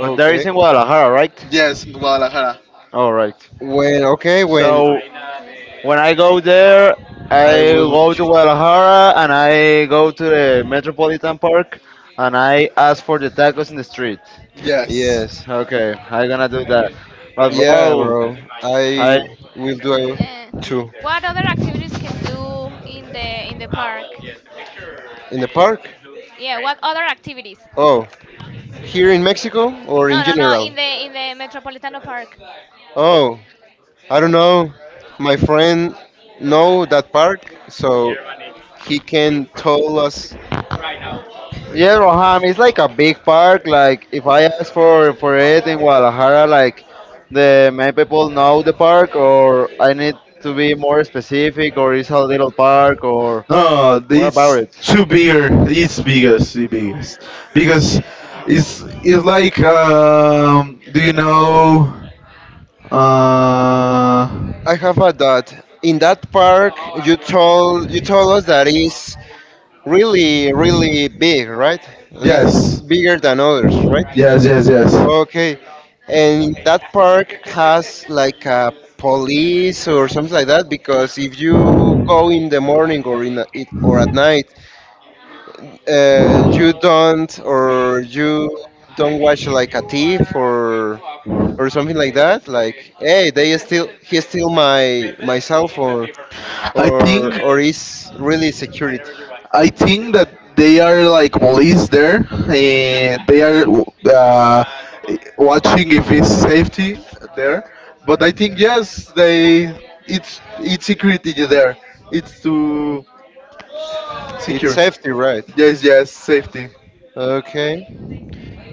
Speaker 3: But there is in Guadalajara, right?
Speaker 1: Yes, Guadalajara.
Speaker 3: All right.
Speaker 2: When okay, when
Speaker 3: So
Speaker 4: Okay.
Speaker 3: when I go there,
Speaker 2: I
Speaker 3: I
Speaker 2: will.
Speaker 3: go to Guadalajara and I go to the Metropolitan Park and I ask for the tacos in the street.
Speaker 1: Yes.
Speaker 2: Yes.
Speaker 3: Okay, I'm gonna do that. But
Speaker 2: Yeah,
Speaker 3: bro,
Speaker 2: bro. I
Speaker 3: I
Speaker 2: will do
Speaker 4: Uh,
Speaker 2: too.
Speaker 4: what other activities can do in the park?
Speaker 2: In the park?
Speaker 4: Yeah, what other activities?
Speaker 2: Oh, here in Mexico or
Speaker 4: No,
Speaker 2: in
Speaker 4: in no, no.
Speaker 2: general?
Speaker 4: In the Metropolitano Park.
Speaker 2: Oh, I don't know. My friend know that park, so he can tell us.
Speaker 3: yeah, Roham, it's like a big park. Like if I ask for it in Guadalajara, like the many people know the park, or I need to be more specific, or it's a little park, or
Speaker 1: No,
Speaker 3: what about
Speaker 1: it's
Speaker 3: it?
Speaker 1: too bigger. It's biggest, the biggest, because it's like, Do you know? Uh,
Speaker 2: I have a dot. In that park, you told us that is really really big, right? It's
Speaker 1: yes,
Speaker 2: bigger than others, right?
Speaker 1: yes, yes, yes.
Speaker 2: Okay, and that park has like a police or something like that, because if you go in the morning or in a, it, or at night, you don't, or you don't watch like a thief or something like that. Like, hey, they still he steal my my cell phone,
Speaker 1: I think.
Speaker 2: or is really security.
Speaker 1: I think that they are like police there. They are, uh, watching if it's safety there. But I think, yes, they it's security there. It's to
Speaker 2: It's
Speaker 1: secure.
Speaker 2: safety, right?
Speaker 1: Yes, yes, safety.
Speaker 2: Okay.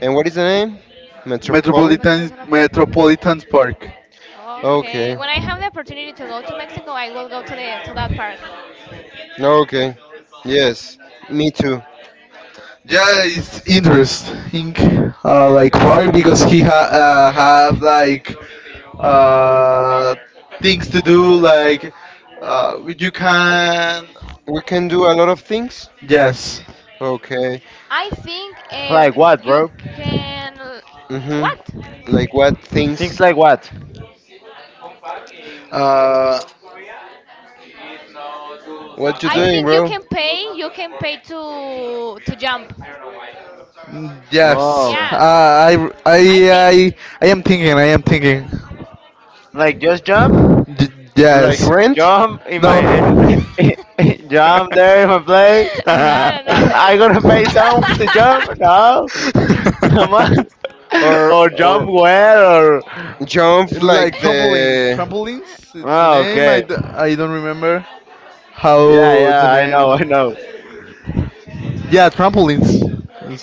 Speaker 2: And what is the name? Metropolitan.
Speaker 1: Metropolitan
Speaker 4: Metropolitano Park.
Speaker 1: Metropolitan Park.
Speaker 4: Okay.
Speaker 2: Okay.
Speaker 4: When I have the opportunity to go to Mexico, I will go to the to that park.
Speaker 2: No, okay. Yes, me too.
Speaker 1: Yeah, it's interesting, like park because he ha have, like, uh, things to do, like, you can.
Speaker 2: We can do a lot of things.
Speaker 1: Yes,
Speaker 2: Okay.
Speaker 4: I think
Speaker 3: Like what,
Speaker 4: you
Speaker 3: bro?
Speaker 4: can.
Speaker 2: Mhm.
Speaker 4: What?
Speaker 2: Like what
Speaker 3: Things
Speaker 2: things?
Speaker 3: like what?
Speaker 1: uh,
Speaker 2: What you
Speaker 4: I
Speaker 2: doing,
Speaker 4: think you
Speaker 2: bro?
Speaker 4: can pay. You can pay to jump.
Speaker 3: Oh,
Speaker 4: Yeah. I think.
Speaker 3: like just jump,
Speaker 2: Like rent
Speaker 3: jump in my [laughs]
Speaker 4: [laughs]
Speaker 3: jump there in my place. [laughs]
Speaker 4: no, no, no.
Speaker 3: I gonna
Speaker 4: [laughs]
Speaker 3: pay someone to jump? No, [laughs] come on, [laughs] or
Speaker 2: or
Speaker 3: jump where? Or
Speaker 2: jump, like the.
Speaker 3: oh, okay, yeah, yeah, I know, I know.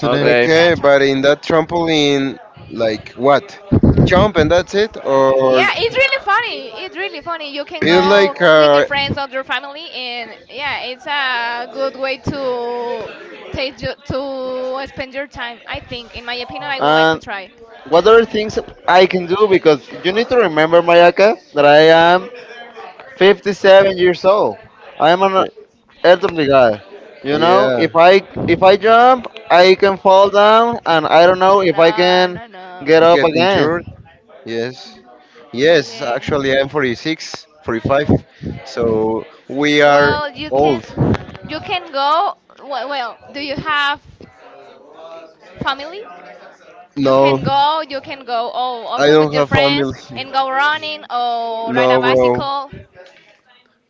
Speaker 3: Okay,
Speaker 4: Okay, yeah,
Speaker 2: Okay,
Speaker 4: Trump.
Speaker 2: but in that trampoline like what? Jump and that's it or
Speaker 4: Yeah, it's really funny. It's really funny. You can you make
Speaker 2: it's
Speaker 4: go
Speaker 2: like
Speaker 4: with your friends or your family, and yeah, it's a good way to take you, to spend your time. I think, in my opinion, I would like to
Speaker 3: and
Speaker 4: try.
Speaker 3: what other things I can do because you need to remember, Mayaka, that I am 57 years old. I am an elderly guy. You know,
Speaker 2: yeah,
Speaker 3: if I
Speaker 4: [laughs]
Speaker 3: jump, I can fall down, and I don't know if I
Speaker 4: No,
Speaker 3: can
Speaker 4: no, no.
Speaker 3: get
Speaker 4: You get
Speaker 3: up
Speaker 4: it.
Speaker 2: get
Speaker 4: Okay.
Speaker 3: again.
Speaker 2: injured. Yes. Yes, actually
Speaker 4: Yeah.
Speaker 2: I'm 46,
Speaker 4: 45
Speaker 2: 45. So
Speaker 4: We
Speaker 2: we
Speaker 4: are
Speaker 2: are
Speaker 4: Well,
Speaker 2: old.
Speaker 4: you can go. Well, well, do you have family? You no. Can
Speaker 2: No,
Speaker 4: no. Go. You can go. Oh, I
Speaker 2: I
Speaker 4: also with
Speaker 2: don't
Speaker 4: your have
Speaker 2: have
Speaker 4: friends
Speaker 2: family.
Speaker 4: and go running or ride a
Speaker 2: No,
Speaker 4: oh.
Speaker 2: bro.
Speaker 4: Bicycle.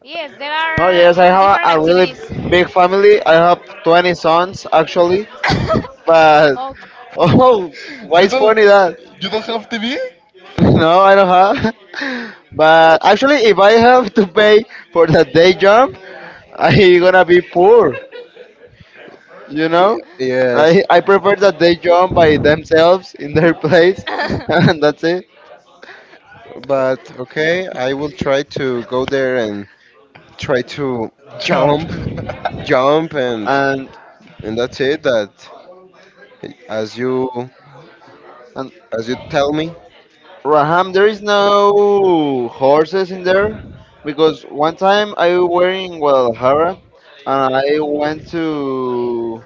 Speaker 4: Yes, there
Speaker 3: Oh
Speaker 4: are
Speaker 3: yes, I have
Speaker 4: different
Speaker 3: a really
Speaker 4: activities.
Speaker 3: big family. I have 20 sons actually,
Speaker 4: [laughs]
Speaker 3: but
Speaker 4: oh,
Speaker 3: [laughs] oh, why
Speaker 1: you
Speaker 3: is
Speaker 1: don't
Speaker 3: funny that?
Speaker 1: you
Speaker 3: [laughs]
Speaker 1: don't have TV
Speaker 3: No, I don't have. [laughs] But actually, if I have to pay for the day jump, [laughs] I gonna be poor. You
Speaker 2: He-
Speaker 3: know,
Speaker 2: Yes,
Speaker 3: I prefer that they jump by themselves in their place, [laughs] and
Speaker 4: [coughs]
Speaker 3: that's it.
Speaker 2: but okay, I will try to go there and try to
Speaker 1: jump.
Speaker 2: jump, jump
Speaker 3: And
Speaker 2: and that's it, that, as you
Speaker 3: and
Speaker 2: as you tell me.
Speaker 3: Raham, there is no horses in there because one time I were in Guadalajara and I went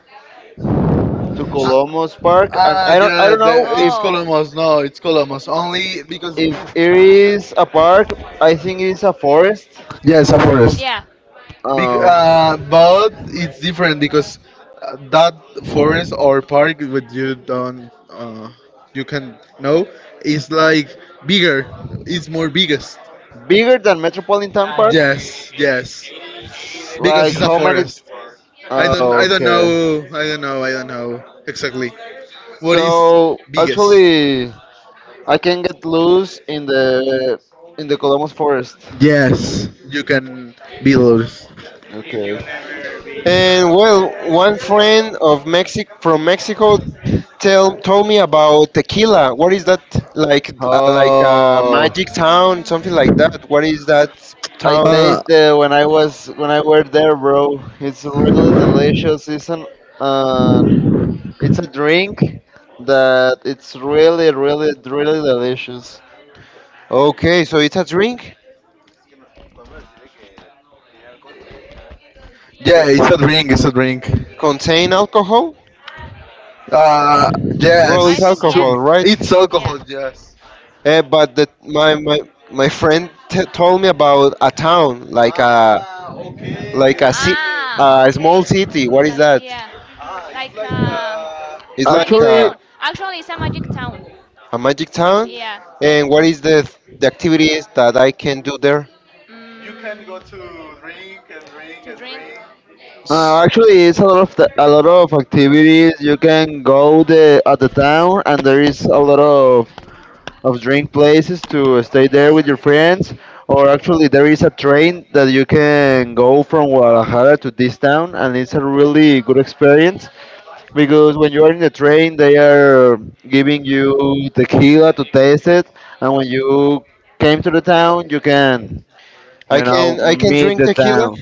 Speaker 3: to
Speaker 1: ah
Speaker 3: Colomos Park, and I
Speaker 1: yeah,
Speaker 3: don't know
Speaker 1: it's
Speaker 4: oh,
Speaker 1: Colomos, no, it's Colomos only because.
Speaker 3: if it is a park. I think it's a forest.
Speaker 1: Yes, of course.
Speaker 4: yeah.
Speaker 1: Bec- uh,
Speaker 3: Oh,
Speaker 1: but it's different because, that forest or park, what you don't, uh, you can know, is like bigger. It's more biggest.
Speaker 3: bigger than Metropolitan Park?
Speaker 1: Yes, yes. Because
Speaker 3: Like
Speaker 1: it's a
Speaker 3: how many?
Speaker 1: forest. I don't
Speaker 3: Oh,
Speaker 1: I don't
Speaker 3: okay.
Speaker 1: know exactly what is
Speaker 3: So
Speaker 1: biggest.
Speaker 3: actually, I can get loose in the Colomos forest.
Speaker 1: Yes, you can be those.
Speaker 3: Okay.
Speaker 2: And well, one friend of Mexic from Mexico tell told me about tequila. What is that like? Like a
Speaker 3: Oh,
Speaker 2: magic town, something
Speaker 4: Mm,
Speaker 2: like that. What is that
Speaker 3: I
Speaker 2: town?
Speaker 1: Uh,
Speaker 3: tasted when I was when I were there, bro. It's really delicious. It's an um, it's a drink that it's really, really, really delicious.
Speaker 2: Okay, so it's a drink. Uh,
Speaker 1: yeah, it's a drink. It's a drink.
Speaker 2: contain alcohol? Well, it's
Speaker 1: Yes, um,
Speaker 2: alcohol, right?
Speaker 1: it's alcohol. Yes.
Speaker 2: Eh, but the, my friend told me about a town like a like a small city. What is that?
Speaker 4: yeah,
Speaker 2: It's like
Speaker 3: Actually,
Speaker 4: actually, it's a magic town.
Speaker 2: a magic town.
Speaker 4: Yeah.
Speaker 2: And what is the activities that I can do there?
Speaker 4: Mm,
Speaker 3: uh,
Speaker 2: S-
Speaker 3: actually, it's a lot of the, a lot of activities. You can go the at the town, and there is a lot of drink places to stay there with your friends. Or actually, there is a train that you can go from Guadalajara to this town, and it's a really good experience because when you are in the train, they are giving you tequila to taste it, and when you came to the town, you can you know
Speaker 2: I can
Speaker 3: meet
Speaker 2: drink
Speaker 3: the
Speaker 2: tequila
Speaker 3: town.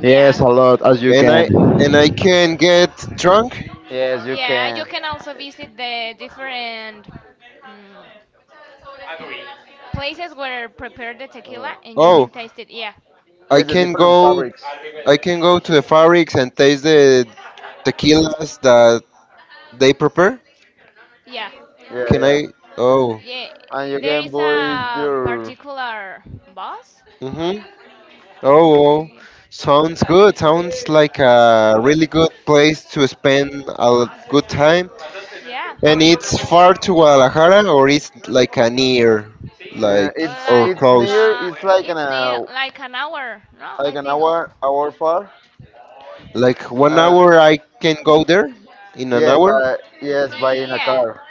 Speaker 3: Yes,
Speaker 4: yeah.
Speaker 3: a lot as you
Speaker 2: and
Speaker 3: can.
Speaker 2: I and I can get drunk.
Speaker 3: Yes, you
Speaker 4: Yeah, you
Speaker 3: can.
Speaker 4: can also visit the different mm, places where prepare the
Speaker 3: Uh,
Speaker 4: tequila and you can
Speaker 2: Oh,
Speaker 4: taste it. Yeah,
Speaker 2: I
Speaker 3: yes, the
Speaker 2: can
Speaker 3: different
Speaker 2: go
Speaker 3: fabrics.
Speaker 2: I can go to the fabrics and taste the tequilas that they prepare?
Speaker 4: yeah,
Speaker 3: Yeah,
Speaker 2: Can
Speaker 3: yeah.
Speaker 2: I? Oh.
Speaker 4: yeah.
Speaker 3: And you
Speaker 4: There
Speaker 3: can
Speaker 4: is
Speaker 3: buy
Speaker 4: a
Speaker 3: your.
Speaker 4: particular bus,
Speaker 2: Mm-hmm. Oh, oh.
Speaker 4: and yeah,
Speaker 2: Sounds good. Sounds like a really good place to spend good time.
Speaker 4: yeah,
Speaker 2: And it's far to Guadalajara, or it's like a near, like
Speaker 4: Sao
Speaker 3: It's
Speaker 2: or
Speaker 4: like
Speaker 3: it's
Speaker 4: close?
Speaker 2: close.
Speaker 3: near. It's
Speaker 4: It's near like an hour, no?
Speaker 3: like
Speaker 4: I
Speaker 3: an
Speaker 4: think,
Speaker 3: hour far.
Speaker 2: Like one
Speaker 3: Uh,
Speaker 2: hour, I can go there in an
Speaker 3: yes,
Speaker 2: hour.
Speaker 3: but yes, by
Speaker 4: y-
Speaker 3: in a
Speaker 4: yeah,
Speaker 3: car.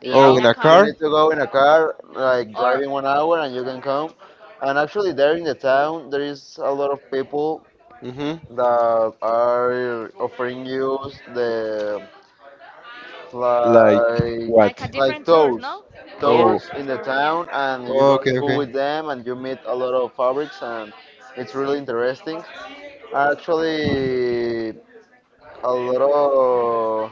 Speaker 3: You
Speaker 4: yeah, oh,
Speaker 2: Oh,
Speaker 4: in
Speaker 3: know,
Speaker 2: in
Speaker 4: a
Speaker 2: a
Speaker 3: you
Speaker 4: car
Speaker 2: car.
Speaker 3: need to go in a car, like
Speaker 4: or
Speaker 3: driving 1 hour, and you can come. And actually, there in the town, there is a lot of people
Speaker 2: Mm-hmm.
Speaker 3: that are offering you the
Speaker 2: Like
Speaker 3: like
Speaker 4: Wow.
Speaker 2: what?
Speaker 4: Like a
Speaker 3: like
Speaker 4: different tours,
Speaker 3: tours,
Speaker 4: no? Yeah,
Speaker 2: Oh.
Speaker 3: tours
Speaker 4: oh,
Speaker 3: in the
Speaker 4: tour, yeah.
Speaker 3: town, and you
Speaker 2: Oh, okay.
Speaker 3: go
Speaker 2: Okay.
Speaker 3: with them, and you meet a lot of fabrics, and it's really interesting. Actually, a lot of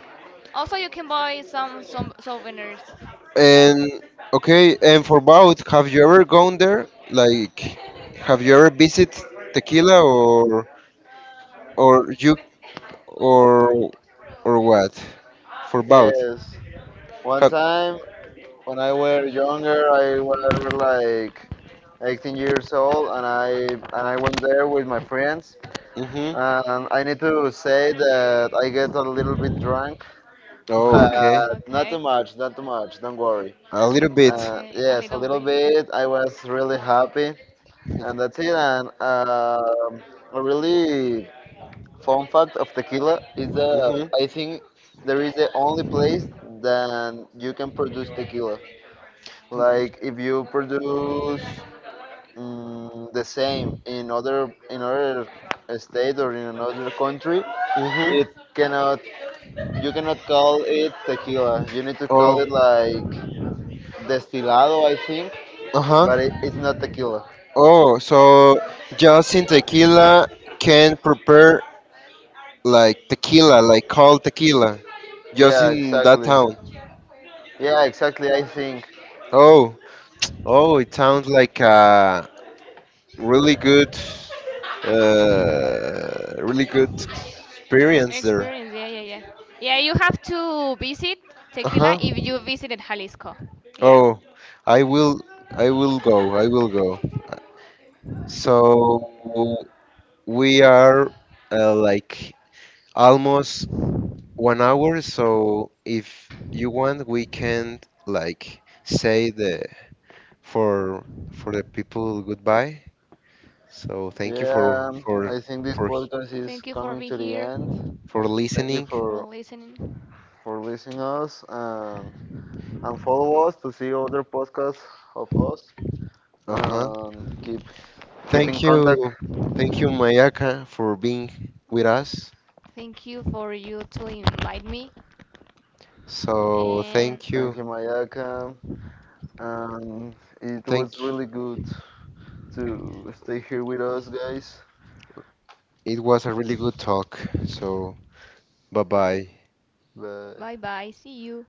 Speaker 4: Also, you can buy some souvenirs. Yeah. [laughs]
Speaker 2: And okay, and for both, have you ever gone there? Like, have you ever visited Tequila or you or or what? For both,
Speaker 3: yes. One
Speaker 2: have.
Speaker 3: time when I were younger, I was like 18 years old, and I went there with my friends.
Speaker 2: Hmm.
Speaker 3: And I need to say that I get a little bit drunk, [laughs]
Speaker 2: Oh, okay.
Speaker 3: but not too
Speaker 4: okay.
Speaker 3: much, not too much. Don't worry.
Speaker 2: A little bit.
Speaker 4: Okay.
Speaker 2: [laughs]
Speaker 4: A
Speaker 3: Yes, a
Speaker 4: little
Speaker 3: little
Speaker 4: bit.
Speaker 3: bit. I was really happy, and that's it. And a really fun fact of tequila is that
Speaker 2: Hmm.
Speaker 3: I think there is the only place that you can produce tequila. Like if you produce mm, the same in other state or in another country,
Speaker 2: Hmm.
Speaker 3: it cannot you cannot call it tequila. You need to call
Speaker 2: Oh,
Speaker 3: it like destilado, I think,
Speaker 2: uh huh.
Speaker 3: but it's not tequila.
Speaker 2: Oh, so just in tequila can prepare like tequila, like cold tequila, just
Speaker 3: Yeah,
Speaker 2: in that
Speaker 3: exactly.
Speaker 2: town.
Speaker 3: Yeah, exactly. I think.
Speaker 2: Oh, oh, it sounds like a really good, really good experience there.
Speaker 4: Experience. Yeah, yeah, yeah. Yeah, you have to visit
Speaker 2: Uh
Speaker 4: Tequila
Speaker 2: huh.
Speaker 4: if you visited Jalisco. Yeah.
Speaker 2: Oh, I will, I will go, I will go. So we are like almost 1 hour, so if you want, we can like say the for for the people goodbye. So thank you
Speaker 3: Yeah, I think this
Speaker 2: for
Speaker 3: podcast is
Speaker 4: Thank you for
Speaker 3: coming
Speaker 4: being
Speaker 3: to the
Speaker 4: here.
Speaker 3: end.
Speaker 2: for
Speaker 3: Thank you
Speaker 2: listening.
Speaker 3: for listening us and follow us to see other podcasts of us
Speaker 2: Uh-huh.
Speaker 3: and keep in
Speaker 2: Thank
Speaker 3: contact.
Speaker 2: you. Thank you, Mayaka, for being with us.
Speaker 4: Thank you for you to invite me.
Speaker 2: So
Speaker 4: And
Speaker 2: thank
Speaker 3: Thank
Speaker 2: you.
Speaker 3: you, Mayaka. And it was
Speaker 2: Thank
Speaker 3: really good to stay here with us, guys.
Speaker 2: It was a really good talk. So bye-bye.
Speaker 4: bye
Speaker 3: But
Speaker 4: bye. See you.